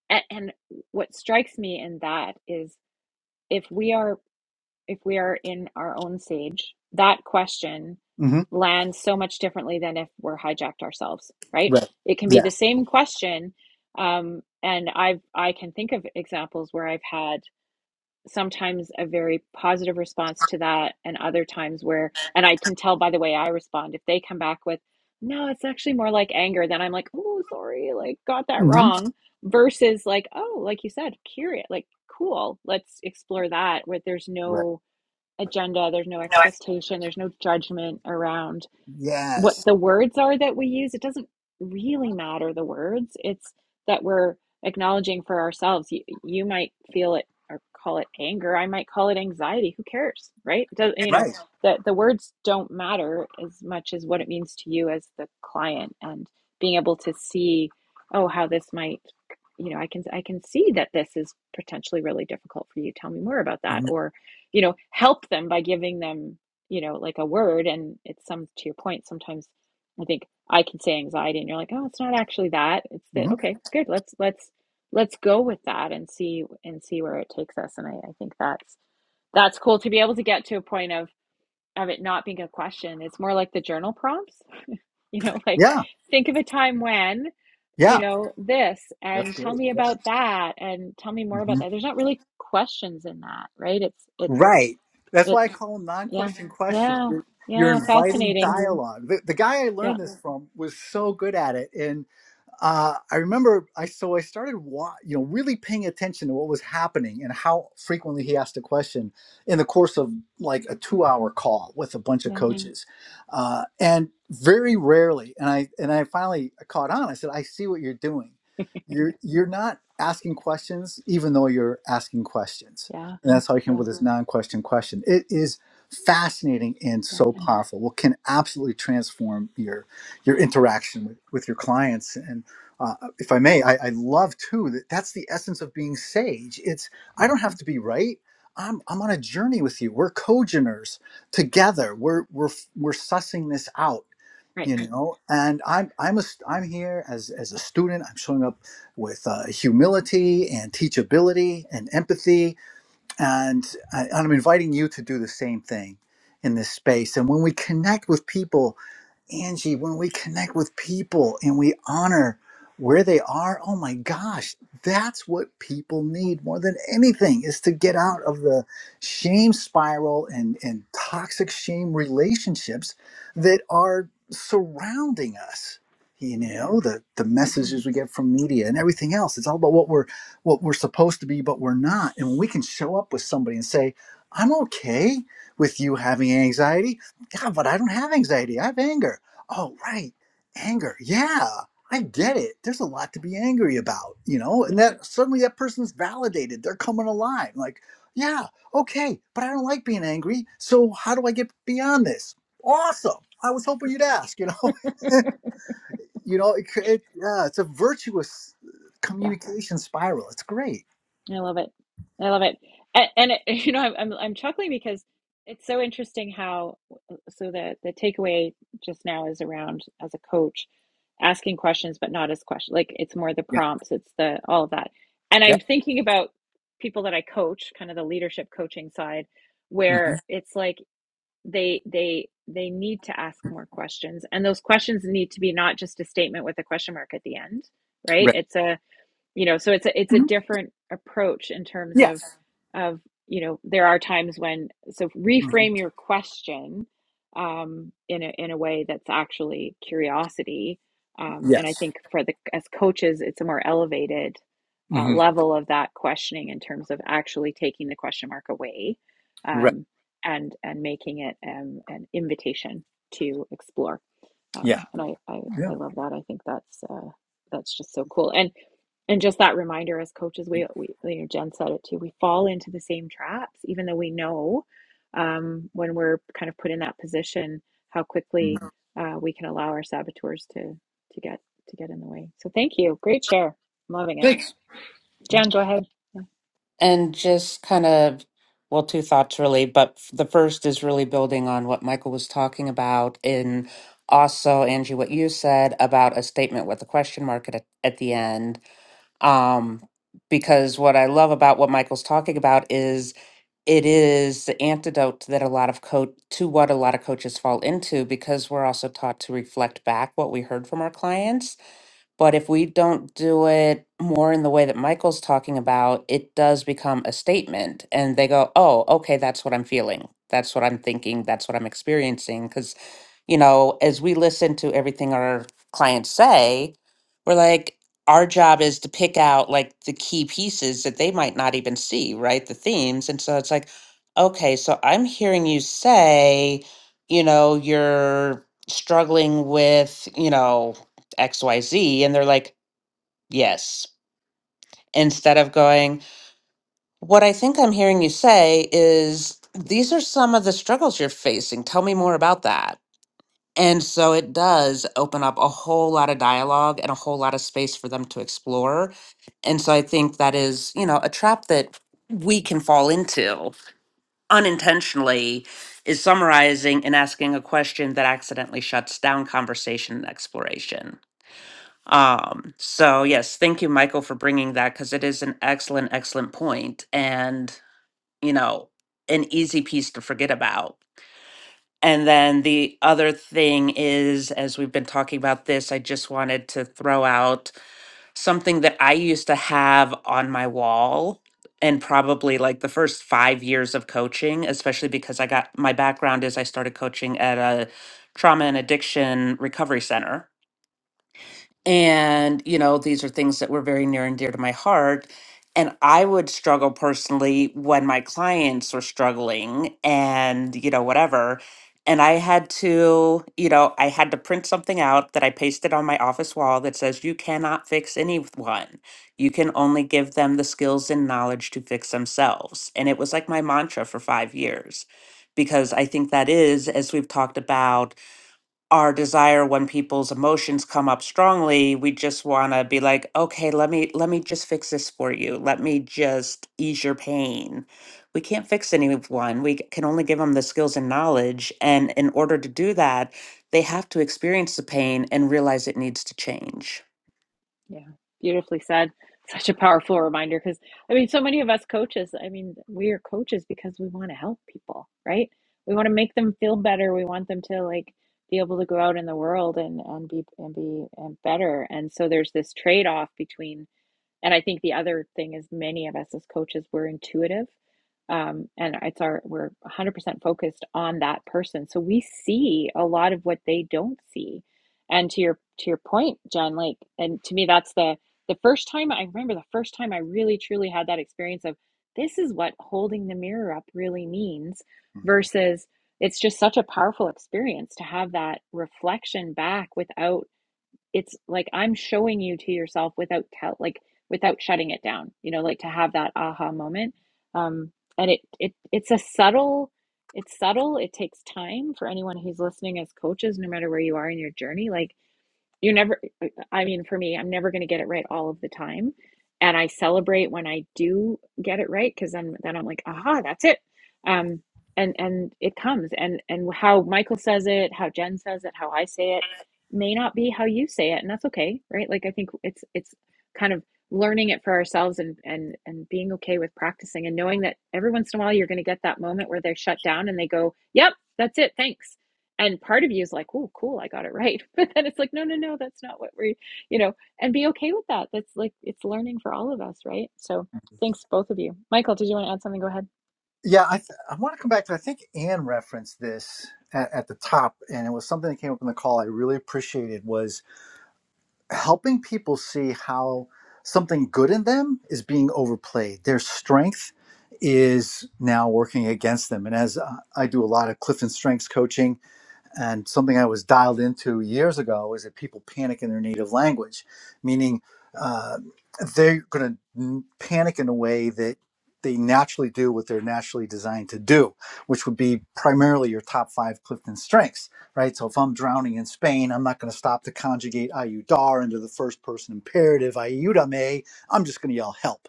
[SPEAKER 1] And, and what strikes me in that is if we are if we are in our own sage, that question
[SPEAKER 4] Mm-hmm.
[SPEAKER 1] lands so much differently than if we're hijacked ourselves, right?
[SPEAKER 4] Right.
[SPEAKER 1] It can be
[SPEAKER 4] Yeah.
[SPEAKER 1] the same question. Um, and I've I can think of examples where I've had sometimes a very positive response to that and other times where and I can tell by the way I respond, if they come back with, no, it's actually more like anger, then I'm like, oh sorry, like got that
[SPEAKER 4] hmm
[SPEAKER 1] wrong versus like oh like you said curious like cool let's explore that where there's
[SPEAKER 4] Right.
[SPEAKER 1] no agenda. There's no expectation. There's no judgment around what
[SPEAKER 4] Yes.
[SPEAKER 1] the words are that we use it doesn't really matter the words it's that we're acknowledging for ourselves you, you might feel it or call it anger i might call it anxiety who cares right does you know
[SPEAKER 4] Right.
[SPEAKER 1] that the words don't matter as much as what it means to you as the client and being able to see oh how this might you know i can i can see that this is potentially really difficult for you tell me more about that
[SPEAKER 4] hmm
[SPEAKER 1] or you know help them by giving them you know, like a word. And it's some, to your point, sometimes I think I can say anxiety and you're like, oh, it's not actually that. It's that,
[SPEAKER 4] hmm
[SPEAKER 1] okay, good. Let's, let's, let's go with that and see, and see where it takes us. And I, I think that's, that's cool to be able to get to a point of, of it not being a question. It's more like the journal prompts, *laughs* you know, like
[SPEAKER 4] Yeah.
[SPEAKER 1] think of a time when, you
[SPEAKER 4] Yeah.
[SPEAKER 1] know, this
[SPEAKER 4] That's
[SPEAKER 1] and tell
[SPEAKER 4] great.
[SPEAKER 1] me
[SPEAKER 4] Yeah.
[SPEAKER 1] about that and tell me more about
[SPEAKER 4] hmm
[SPEAKER 1] that. There's not really questions in that, right? It's, it's,
[SPEAKER 4] Right. That's
[SPEAKER 1] it.
[SPEAKER 4] why I call them
[SPEAKER 1] Yeah.
[SPEAKER 4] non-question questions.
[SPEAKER 1] Yeah.
[SPEAKER 4] You're, you're
[SPEAKER 1] Yeah.
[SPEAKER 4] inviting
[SPEAKER 1] Fascinating.
[SPEAKER 4] dialog The, the guy I
[SPEAKER 1] Yeah.
[SPEAKER 4] learned this from was so good at it, uh, I remember I so I started wa- you know really paying attention to what was happening and how frequently he asked a question in the course of like a two hour call with a bunch of
[SPEAKER 1] Yeah.
[SPEAKER 4] coaches, uh, and very rarely. And I and I finally caught on. I said, I see what you're doing. You're you're not asking questions, even though you're asking questions.
[SPEAKER 1] Yeah.
[SPEAKER 4] And that's how I came up
[SPEAKER 1] Yeah.
[SPEAKER 4] with this non question question. It is fascinating and
[SPEAKER 1] Yeah.
[SPEAKER 4] so powerful. What can absolutely transform your your interaction with, with your clients and uh, if I may, I, I love too that that's the essence of being sage. It's I
[SPEAKER 1] Mm.
[SPEAKER 4] don't have to be right. I'm I'm on a journey with you. We're co together. We're we're we're sussing this out,
[SPEAKER 1] Right.
[SPEAKER 4] you know. And I'm I'm a st- I'm here as as a student. I'm showing up with uh, humility and teachability and empathy, and, I, and I'm inviting you to do the same thing in this space. And when we connect with people Angie, when we connect with people and we honor where they are, oh my gosh, that's what people need more than anything is to get out of the shame spiral and, and toxic shame relationships that are surrounding us. You
[SPEAKER 1] Yeah.
[SPEAKER 4] know, the, the
[SPEAKER 1] Yeah.
[SPEAKER 4] messages we get from media and everything else. It's all about what we're what we're supposed to be, but we're not. And when we can show up with somebody and say, I'm okay with you having anxiety. God, but I don't have anxiety. I have anger Oh, right. Anger. Yeah, I get it. There's a lot to be angry about, you know,
[SPEAKER 1] Yeah.
[SPEAKER 4] and that suddenly that person's validated. They're coming alive. Like, yeah, okay, but I don't like being angry. So how do I get beyond this? Awesome. I was hoping you'd ask, you know. *laughs* you know, it, cr- it, yeah, it's a virtuous uh,
[SPEAKER 1] Yeah.
[SPEAKER 4] communication spiral. It's great.
[SPEAKER 1] I love it. I love it. And, and it, *laughs* you know, I'm, I'm I'm chuckling because it's so interesting how uh, so the the takeaway just now is around as a coach asking questions but not as questions. like it's more the
[SPEAKER 4] Yeah.
[SPEAKER 1] prompts, it's the all of that. And
[SPEAKER 4] Yeah.
[SPEAKER 1] I'm thinking about people that I coach, kind of the leadership coaching side
[SPEAKER 4] hmm
[SPEAKER 1] where it's like they they they need to ask more questions and those questions need to be not just a statement with a question mark at the end right
[SPEAKER 4] Right.
[SPEAKER 1] it's a you know so it's a it's a
[SPEAKER 4] Mhm.
[SPEAKER 1] different approach in terms of
[SPEAKER 4] Yes.
[SPEAKER 1] of you know there are times when so
[SPEAKER 4] Mhm.
[SPEAKER 1] reframe your question um in a in a way that's actually curiosity um and i
[SPEAKER 4] Yes.
[SPEAKER 1] think for the as coaches it's a more elevated uh,
[SPEAKER 4] hmm
[SPEAKER 1] level of that questioning in terms of actually taking the question mark away
[SPEAKER 4] Right.
[SPEAKER 1] um and and making it um, an invitation to explore
[SPEAKER 4] Yeah.
[SPEAKER 1] um and I, I
[SPEAKER 4] Yeah.
[SPEAKER 1] i love that i think that's uh that's just so cool and and just that reminder as coaches we, we you know jen said it too we fall into the same traps even though we know um, when we're kind of put in that position how quickly
[SPEAKER 4] Mhm.
[SPEAKER 1] uh, we can allow our saboteurs to to get to get in the way so thank you great share i'm loving it
[SPEAKER 4] Thanks.
[SPEAKER 1] jen go ahead
[SPEAKER 3] and just kind of, well, two thoughts really, but f- the first is really building on what Michael was talking about, and also Angie, what you said about a statement with a question mark at, at the end um, because what I love about what Michael's talking about is it is the antidote that a lot of coach to what a lot of coaches fall into because we're also taught to reflect back what we heard from our clients. But if we don't do it more in the way that Michael's talking about, it does become a statement and they go, "Oh, okay, that's what I'm feeling. That's what I'm thinking. That's what I'm experiencing." Because you know, as we listen to everything our clients say, we're like, our job is to pick out like the key pieces that they might not even see, right? The themes. And so it's like, okay, so I'm hearing you say, you know, you're struggling with, you know, XYZ. And they're like, yes. Instead of going, what I think I'm hearing you say is, these are some of the struggles you're facing. Tell me more about that and so it does open up a whole lot of dialogue and a whole lot of space for them to explore. And so I think that is, you know, a trap that we can fall into unintentionally is summarizing and asking a question that accidentally shuts down conversation and exploration. Um, so yes, thank you, Michael, for bringing that because it is an excellent, excellent point and, you know, an easy piece to forget about and then the other thing is, as we've been talking about this, I just wanted to throw out something that I used to have on my wall and probably like the first five years of coaching, especially because I got my background is I started coaching at a trauma and addiction recovery center. And, you know, these are things that were very near and dear to my heart. And I would struggle personally when my clients were struggling and, you know, whatever. And I had to, you know, I had to print something out that I pasted on my office wall that says, you cannot fix anyone. You can only give them the skills and knowledge to fix themselves. And it was like my mantra for five years, because I think that is, as we've talked about, our desire when people's emotions come up strongly we just want to be like okay let me let me just fix this for you let me just ease your pain we can't fix anyone we can only give them the skills and knowledge and in order to do that they have to experience the pain and realize it needs to change
[SPEAKER 1] Yeah, beautifully said. Such a powerful reminder because I mean, so many of us coaches, I mean, we are coaches because we want to help people, right? We want to make them feel better. We want them to like be able to go out in the world and and be and be and better. And so there's this trade-off between and I think the other thing is many of us as coaches, we're intuitive. Um, and it's our we're 100% focused on that person. So we see a lot of what they don't see. And to your to your point, Jen, like and to me that's the the first time I remember the first time I really truly had that experience of this is what holding the mirror up really means versus it's just such a powerful experience to have that reflection back without it's like I'm showing you to yourself without tell like without shutting it down, you know, like to have that aha moment. Um, and it it it's a subtle it's subtle. It takes time for anyone who's listening as coaches, no matter where you are in your journey. Like you're never, I mean, for me, I'm never going to get it right all of the time. And I celebrate when I do get it right because then, then I'm like, aha, that's it. Um, and and it comes and and how Michael says it, how Jen says it, how I say it may not be how you say it, and that's okay, right? Like I think it's it's kind of learning it for ourselves and and and being okay with practicing and knowing that every once in a while you're going to get that moment where they shut down and they go, "Yep, that's it. Thanks." and part of you is like oh cool i got it right *laughs* but then it's like no no no that's not what we you know and be okay with that that's like it's learning for all of us right so thanks both of you michael did you want to add something go ahead
[SPEAKER 4] Yeah, I, th- I want to come back to. I think Anne referenced this at, at the top, and it was something that came up in the call. I really appreciated was helping people see how something good in them is being overplayed. Their strength is now working against them. And as uh, I do a lot of Clifton Strengths coaching, and something I was dialed into years ago is that people panic in their native language, meaning uh, they're going to panic in a way that they naturally do what they're naturally designed to do, which would be primarily your top five Clifton strengths, right? So if I'm drowning in Spain, I'm not going to stop to conjugate ayudar into the first person imperative, ayúdame. I'm just going to yell help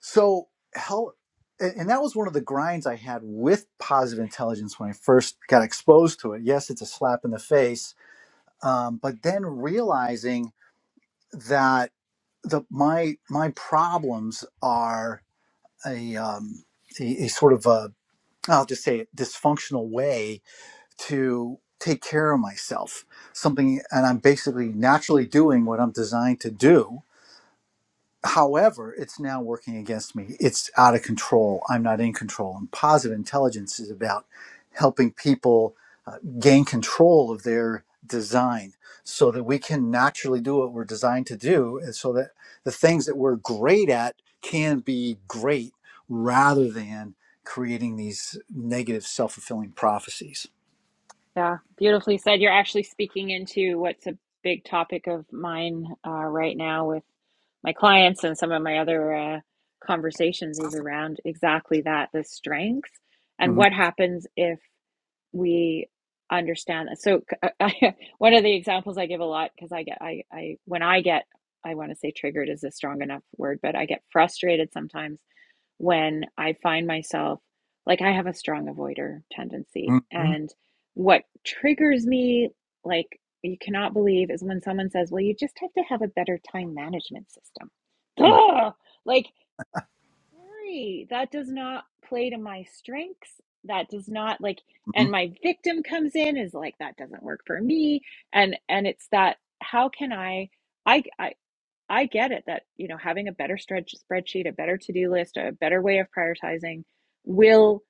[SPEAKER 4] so how and that was one of the grinds I had with positive intelligence when I first got exposed to it. Yes, it's a slap in the face, um, but then realizing that the my my problems are a um, a, a sort of a I'll just say it, dysfunctional way to take care of myself. Something, and I'm basically naturally doing what I'm designed to do, However, it's now working against me. It's out of control. I'm not in control. And positive intelligence is about helping people uh, gain control of their design so that we can naturally do what we're designed to do. And so that the things that we're great at can be great rather than creating these negative self fulfilling prophecies.
[SPEAKER 1] yeah beautifully said you're actually speaking into what's a big topic of mine uh, right now with my clients and some of my other uh, conversations is around exactly that the strengths and
[SPEAKER 4] Mhm,
[SPEAKER 1] what happens if. we understand that. So c- I, *laughs* one of the examples I give a lot because I get I I when I get I want to say triggered is a strong enough word, but I get frustrated sometimes when I find myself like I have a strong avoider tendency,
[SPEAKER 4] mhm,
[SPEAKER 1] and what triggers me like you cannot believe is when someone says, "Well, you just have to have a better time management system."
[SPEAKER 4] mhm,
[SPEAKER 1] Ugh! Like sorry, that does not play to my strengths. That does not like,
[SPEAKER 4] mhm.
[SPEAKER 1] and my victim comes in is like, that doesn't work for me. And, and it's that, how can I, I, I, I get it that, you know, having a better stretch spreadsheet, a better to-do list, a better way of prioritizing will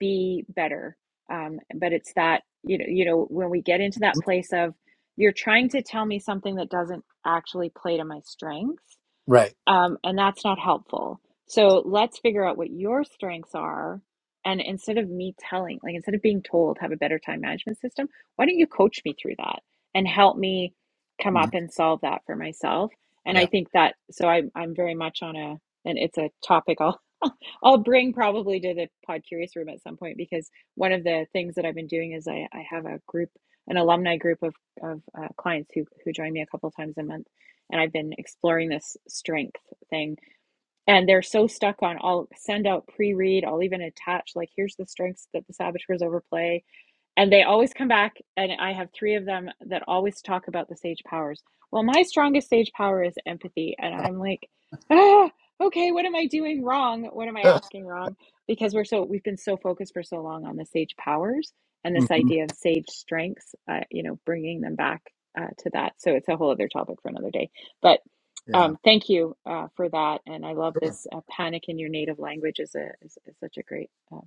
[SPEAKER 1] be better. Um, but it's that, you know, you know, when we get into that place of you're trying to tell me something that doesn't actually play to my strengths
[SPEAKER 4] Right.
[SPEAKER 1] um, and that's not helpful. So let's figure out what your strengths are. And instead of me telling, like instead of being told, have a better time management system, why don't you coach me through that and help me come up
[SPEAKER 4] Mhm.
[SPEAKER 1] and solve that for myself? And I
[SPEAKER 4] Yeah.
[SPEAKER 1] think that so I'm I'm very much on a and it's a topic I'll I'll bring probably to the Pod Curious room at some point because one of the things that I've been doing is I, I have a group, an alumni group of of uh, clients who who join me a couple of times a month, and I've been exploring this strength thing. And they're so stuck on I'll send out pre read, I'll even attach like here's the strengths that the saboteurs overplay, and they always come back and i have three of them that always talk about the sage powers well my strongest sage power is empathy and i'm like ah, okay what am i doing wrong what am i
[SPEAKER 4] *laughs*
[SPEAKER 1] asking wrong because we're so we've been so focused for so long on the sage powers and this
[SPEAKER 4] Mhm.
[SPEAKER 1] idea of sage strengths uh, you know bringing them back uh, to that so it's a whole other topic for another day but
[SPEAKER 4] Yeah.
[SPEAKER 1] um, thank you uh, for that and i love this uh, panic in your native language is a is, is such a great uh,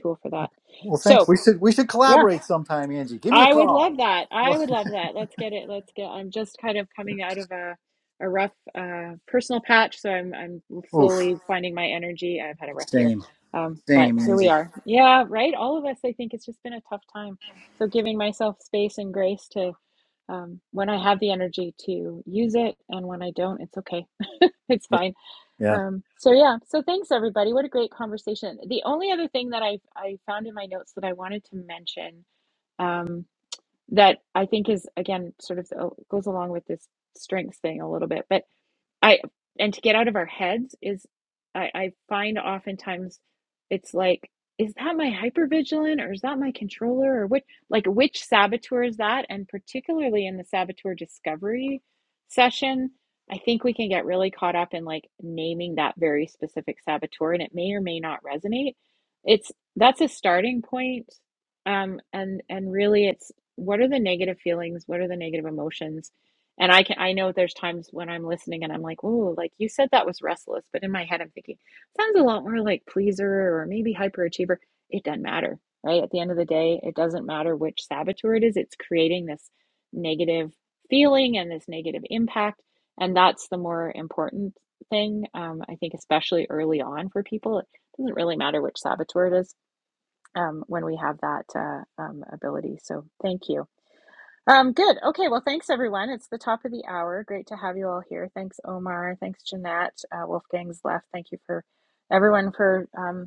[SPEAKER 1] tool for that
[SPEAKER 4] Well, thanks.
[SPEAKER 1] so
[SPEAKER 4] We should we should
[SPEAKER 1] yeah.
[SPEAKER 4] collaborate sometime, Angie. Give me a
[SPEAKER 1] I would
[SPEAKER 4] call.
[SPEAKER 1] love that. I
[SPEAKER 4] Well,
[SPEAKER 1] would love that. Let's get it. Let's get. I'm just kind of coming out of a a rough uh, personal patch, so I'm I'm
[SPEAKER 4] *laughs* oof.
[SPEAKER 1] slowly finding my energy. I've had a rough year,
[SPEAKER 4] Same,
[SPEAKER 1] um, but
[SPEAKER 4] same,
[SPEAKER 1] here we
[SPEAKER 4] Angie.
[SPEAKER 1] are. Yeah, right. All of us. I think it's just been a tough time. So giving myself space and grace to um, when I have the energy to use it, and when I don't, it's okay. *laughs* it's
[SPEAKER 4] Yeah,
[SPEAKER 1] fine.
[SPEAKER 4] yeah.
[SPEAKER 1] Um, so yeah. So thanks everybody. What a great conversation. The only other thing that I I found in my notes that I wanted to mention. um that I think is again sort of uh, goes along with this strengths thing a little bit. But I and to get out of our heads is I, I find oftentimes it's like, is that my hypervigilant or is that my controller or what like which saboteur is that? And particularly in the saboteur discovery session, I think we can get really caught up in like naming that very specific saboteur and it may or may not resonate. It's that's a starting point. Um, and and really it's what are the negative feelings, what are the negative emotions? And I can I know there's times when I'm listening and I'm like, oh, like you said that was restless, but in my head I'm thinking, sounds a lot more like pleaser or maybe hyperachiever. It doesn't matter, right? At the end of the day, it doesn't matter which saboteur it is. It's creating this negative feeling and this negative impact. And that's the more important thing, um, I think, especially early on for people. It doesn't really matter which saboteur it is um, when we have that uh, um, ability. So thank you. Um, good. Okay. Well, thanks everyone. It's the top of the hour. Great to have you all here. Thanks, Omar. Thanks, Jeanette. Uh, Wolfgang's left. Thank you for everyone for um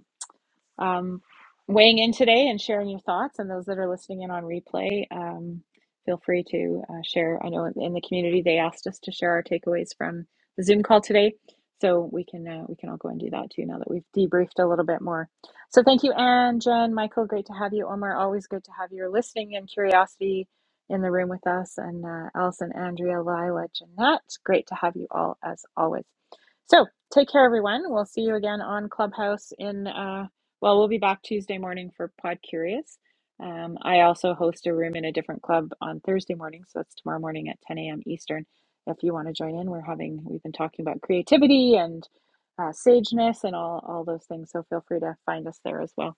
[SPEAKER 1] um, weighing in today and sharing your thoughts. And those that are listening in on replay, um, feel free to uh, share. I know in the community they asked us to share our takeaways from the Zoom call today, so we can uh, we can all go and do that too now that we've debriefed a little bit more. So thank you, Anne, Jen, Michael. Great to have you, Omar. Always good to have your listening and curiosity. In the room with us, and uh, Allison, Andrea, Lila, Jeanette. Great to have you all as always. So take care, everyone. We'll see you again on Clubhouse in uh, well, we'll be back Tuesday morning for Pod Curious. Um, I also host a room in a different club on Thursday morning, so that's tomorrow morning at 10 a.m. Eastern. If you want to join in, we're having we've been talking about creativity and uh, sageness and all all those things. So feel free to find us there as well.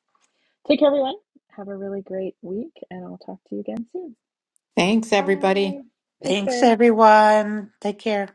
[SPEAKER 1] Take care, everyone. Have a really great week, and I'll talk to you again soon.
[SPEAKER 2] Thanks, everybody.
[SPEAKER 1] Bye. Take
[SPEAKER 3] Thanks,
[SPEAKER 1] care.
[SPEAKER 3] everyone. Take care.